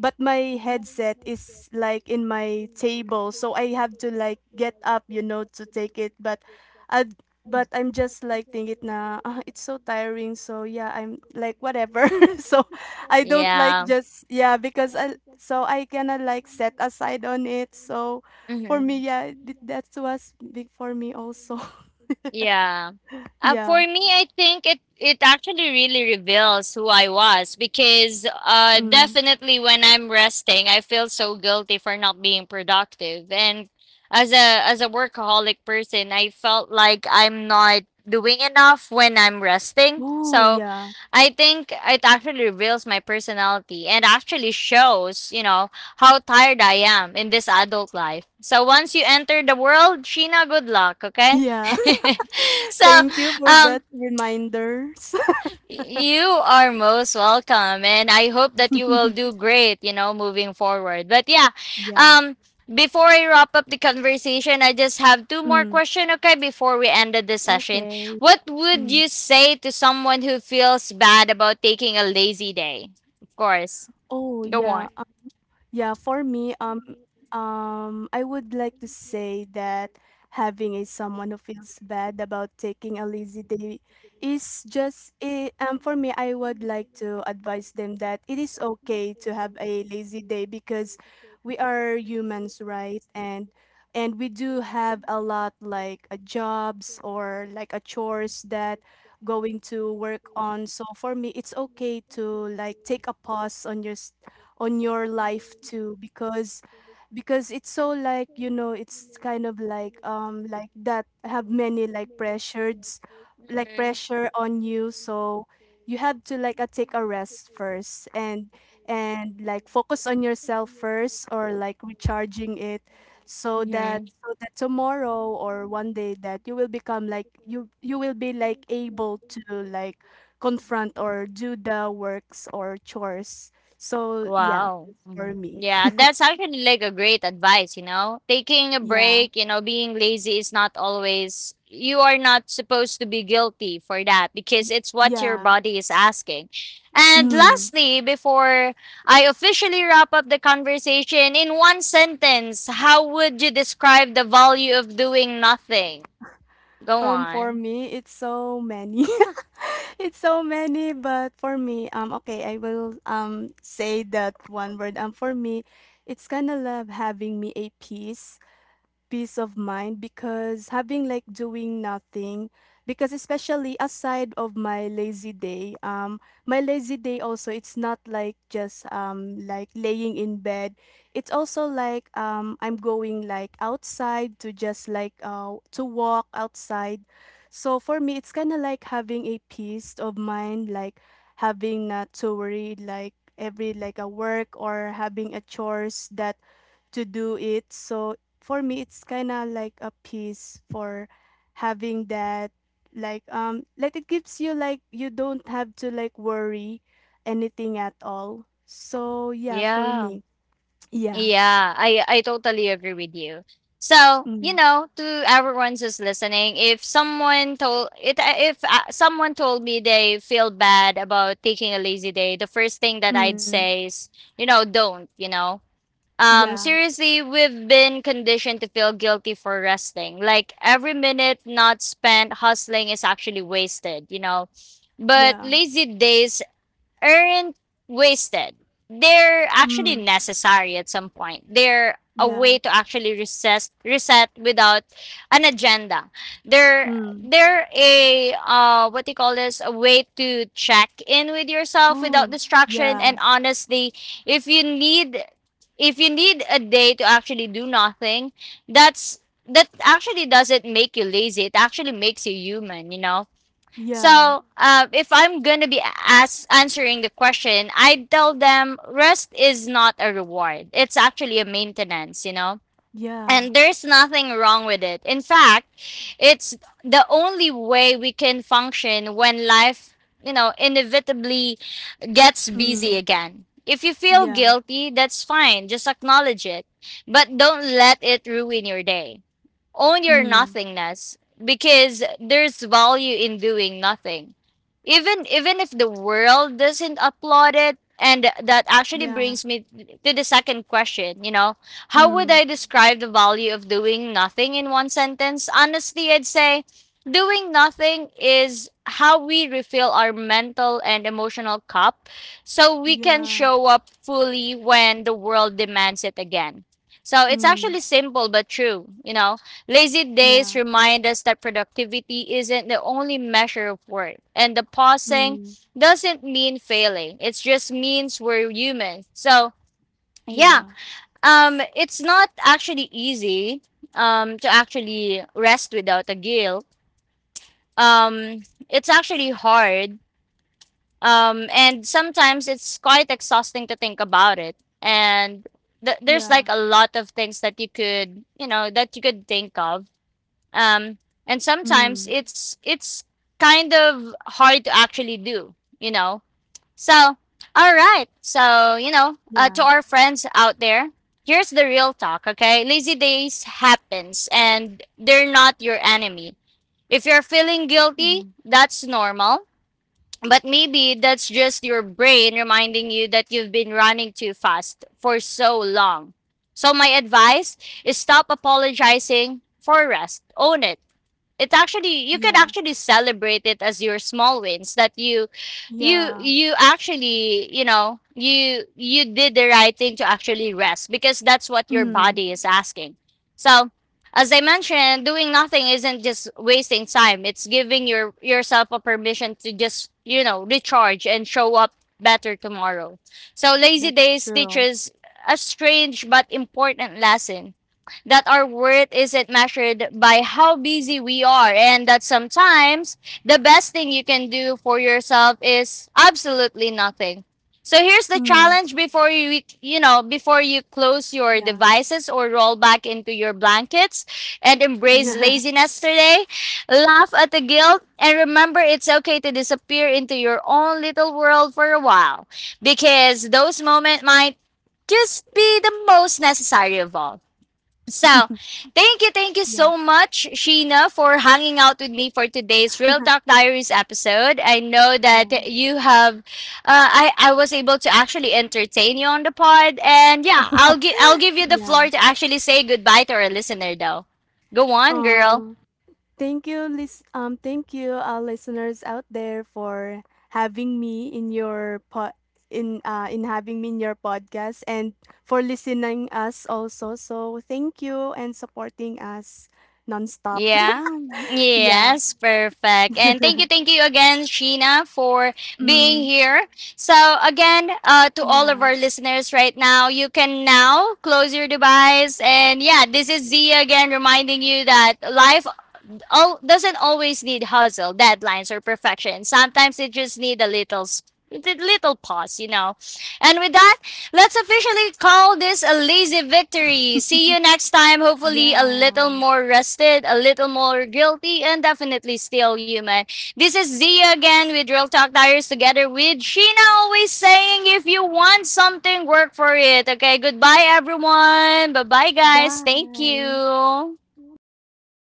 Speaker 2: my headset is like in my table, so I have to like get up, you know, to take it, but I but I'm just like thinking,
Speaker 1: But
Speaker 2: na ah, it's so tiring. So yeah,
Speaker 1: So
Speaker 2: I'm like whatever. So I don't like just yeah, because I gonna like set aside on it. So
Speaker 1: So,
Speaker 2: for
Speaker 1: Yeah.
Speaker 2: me,
Speaker 1: hmm
Speaker 2: yeah, th that was big for me also.
Speaker 1: Yeah. For
Speaker 2: Yeah.
Speaker 1: me, I think it actually really reveals who I was because
Speaker 2: Mm.
Speaker 1: definitely when I'm resting, I feel so guilty for not being productive. And as a workaholic person, I felt like I'm not doing enough when I'm resting.
Speaker 2: Oh,
Speaker 1: So
Speaker 2: yeah.
Speaker 1: I think it actually reveals my personality and actually shows, you know, how tired I am in this adult life. So once you enter the world, Sheena, good luck, okay?
Speaker 2: Yeah.
Speaker 1: so,
Speaker 2: Thank you for
Speaker 1: um,
Speaker 2: that reminders.
Speaker 1: you are most welcome, and I hope that you will do great, you know, moving forward. But yeah,
Speaker 2: Yeah.
Speaker 1: um, before I wrap up the conversation, I just have two more
Speaker 2: Mm.
Speaker 1: questions, okay, before we ended the session.
Speaker 2: Okay.
Speaker 1: What would
Speaker 2: Mm.
Speaker 1: you say to someone who feels bad about taking a lazy day? Of course,
Speaker 2: Oh,
Speaker 1: go
Speaker 2: yeah.
Speaker 1: on.
Speaker 2: Yeah, for me, I would like to say that having a someone who feels bad about taking a lazy day is just it, for me I would like to advise them that it is okay to have a lazy day, because we are humans, right? And we do have a lot like jobs or like a chores that going to work on. So for me, it's okay to like take a pause on your life too, because it's so, like, you know, it's kind of like that have many like pressures, like pressure on you. So you have to like take a rest first and like focus on yourself first or like recharging it, so that
Speaker 1: Mm-hmm.
Speaker 2: tomorrow or one day that you will become like you will be like able to like confront or do the works or chores. So yeah,
Speaker 1: Wow.
Speaker 2: that's for
Speaker 1: Mm.
Speaker 2: me.
Speaker 1: Yeah, that's actually like a great advice, you know. Taking a
Speaker 2: Yeah.
Speaker 1: break, you know, being lazy is not always you are not supposed to be guilty for that because it's what your
Speaker 2: Yeah.
Speaker 1: body is asking. And
Speaker 2: Mm.
Speaker 1: lastly, before I officially wrap up the conversation, in one sentence, how would you describe the value of doing nothing? Go
Speaker 2: For
Speaker 1: on.
Speaker 2: me, it's so many. It's so many, but for me, okay, I will say that one word. For me, it's kind of love having me a peace of mind, because having like doing nothing, because especially aside of my lazy day, my lazy day also, it's not like just like laying in bed, it's also like I'm going like outside to just like to walk outside. So for me it's kind of like having a peace of mind, like having not to worry like every like a work or having a chores that to do it. So for me, it's kind of like a peace for having that. Like it gives you like you don't have to like worry anything at all. So yeah, for
Speaker 1: Yeah.
Speaker 2: me, yeah,
Speaker 1: Yeah, I totally agree with you. So, you
Speaker 2: mm,
Speaker 1: know, to everyone who's listening, if someone told me they feel bad about taking a lazy day, the first thing that I'd
Speaker 2: mm,
Speaker 1: say is, you know, don't, you know.
Speaker 2: yeah,
Speaker 1: Seriously, we've been conditioned to feel guilty for resting. Like every minute not spent hustling is actually wasted, you know. But
Speaker 2: yeah,
Speaker 1: lazy days aren't wasted. They're actually
Speaker 2: mm,
Speaker 1: necessary at some point. They're a
Speaker 2: yeah,
Speaker 1: way to actually recess, reset without an agenda. They're
Speaker 2: mm,
Speaker 1: they're a what do you call this? A way to check in with yourself without
Speaker 2: oh,
Speaker 1: distraction.
Speaker 2: yeah,
Speaker 1: And honestly, if you need if you need a day to actually do nothing, that's that actually doesn't make you lazy. It actually makes you human. You know,
Speaker 2: yeah,
Speaker 1: so, if I'm gonna be as answering the question, I tell them rest is not a reward. It's actually a maintenance, you know.
Speaker 2: yeah,
Speaker 1: And there's nothing wrong with it. In fact, it's the only way we can function when life, you know, inevitably gets busy
Speaker 2: mm,
Speaker 1: again. If you feel
Speaker 2: yeah,
Speaker 1: guilty, that's fine. Just acknowledge it. But don't let it ruin your day. Own your
Speaker 2: mm,
Speaker 1: nothingness because there's value in doing nothing. Even if the world doesn't applaud it, and that actually
Speaker 2: yeah,
Speaker 1: brings me to the second question, you know, how would
Speaker 2: mm,
Speaker 1: I describe the value of doing nothing in one sentence? Honestly, I'd say doing nothing is how we refill our mental and emotional cup so we can
Speaker 2: yeah,
Speaker 1: show up fully when the world demands it again. So it's
Speaker 2: mm,
Speaker 1: actually simple but true, you know. Lazy days
Speaker 2: yeah,
Speaker 1: remind us that productivity isn't the only measure of worth, and the pausing
Speaker 2: mm,
Speaker 1: doesn't mean failing. It just means we're human. So, yeah,
Speaker 2: yeah.
Speaker 1: it's not actually easy to actually rest without a guilt. Um, it's actually hard, and sometimes it's quite exhausting to think about it. And
Speaker 2: Yeah.
Speaker 1: there's like a lot of things that you could, you know, that you could think of, um, and
Speaker 2: Mm,
Speaker 1: sometimes it's kind of hard to actually do, you know. So all right, so you know,
Speaker 2: yeah.
Speaker 1: to our friends out there, here's the real talk. Okay, lazy days happens and they're not your enemy. If you're feeling guilty,
Speaker 2: Mm,
Speaker 1: that's normal, but maybe that's just your brain reminding you that you've been running too fast for so long. So my advice is stop apologizing for rest, own it. It actually You can
Speaker 2: yeah.
Speaker 1: actually celebrate it as your small wins that you you
Speaker 2: Yeah.
Speaker 1: you actually, you know, you did the right thing to actually rest because that's what your
Speaker 2: Mm,
Speaker 1: body is asking. So as I mentioned, doing nothing isn't just wasting time, it's giving yourself a permission to just, you know, recharge and show up better tomorrow. So lazy
Speaker 2: that's
Speaker 1: days
Speaker 2: true.
Speaker 1: teaches a strange but important lesson that our worth isn't measured by how busy we are, and that sometimes the best thing you can do for yourself is absolutely nothing. So here's the
Speaker 2: Mm,
Speaker 1: challenge, before you you know before you close your
Speaker 2: yeah.
Speaker 1: devices or roll back into your blankets and embrace
Speaker 2: Yeah.
Speaker 1: laziness today. Laugh at the guilt and remember it's okay to disappear into your own little world for a while because those moments might just be the most necessary of all. So, thank you
Speaker 2: Yeah.
Speaker 1: so much, Sheena, for hanging out with me for today's Real Talk Diaries episode. I know that
Speaker 2: Yeah.
Speaker 1: you have, uh, I was able to actually entertain you on the pod, and yeah, I'll give you the floor
Speaker 2: Yeah.
Speaker 1: to actually say goodbye to our listener, though. Go on, girl.
Speaker 2: Um, Thank you, thank you, our listeners out there for having me in your pod in having me in your podcast, and for listening us also. So thank you, and supporting us nonstop.
Speaker 1: Yeah.
Speaker 2: Yeah.
Speaker 1: Yes, perfect. And thank you again, Sheena, for being
Speaker 2: Mm,
Speaker 1: here. So again, to all of
Speaker 2: yeah.
Speaker 1: our listeners right now, you can now close your device. And yeah, this is Zia again reminding you that life all doesn't always need hustle, deadlines, or perfection. Sometimes it just need a little pause, you know. And with that, let's officially call this a lazy victory. See you next time. Hopefully, a little
Speaker 2: Yeah.
Speaker 1: more rested, a little more guilty, and definitely still human. This is Zia again with Real Talk Tires together with Sheena, always saying if you want something, work for it. Okay, goodbye, everyone. Bye bye, guys. Thank
Speaker 2: Bye.
Speaker 1: you.
Speaker 2: Bye, everyone.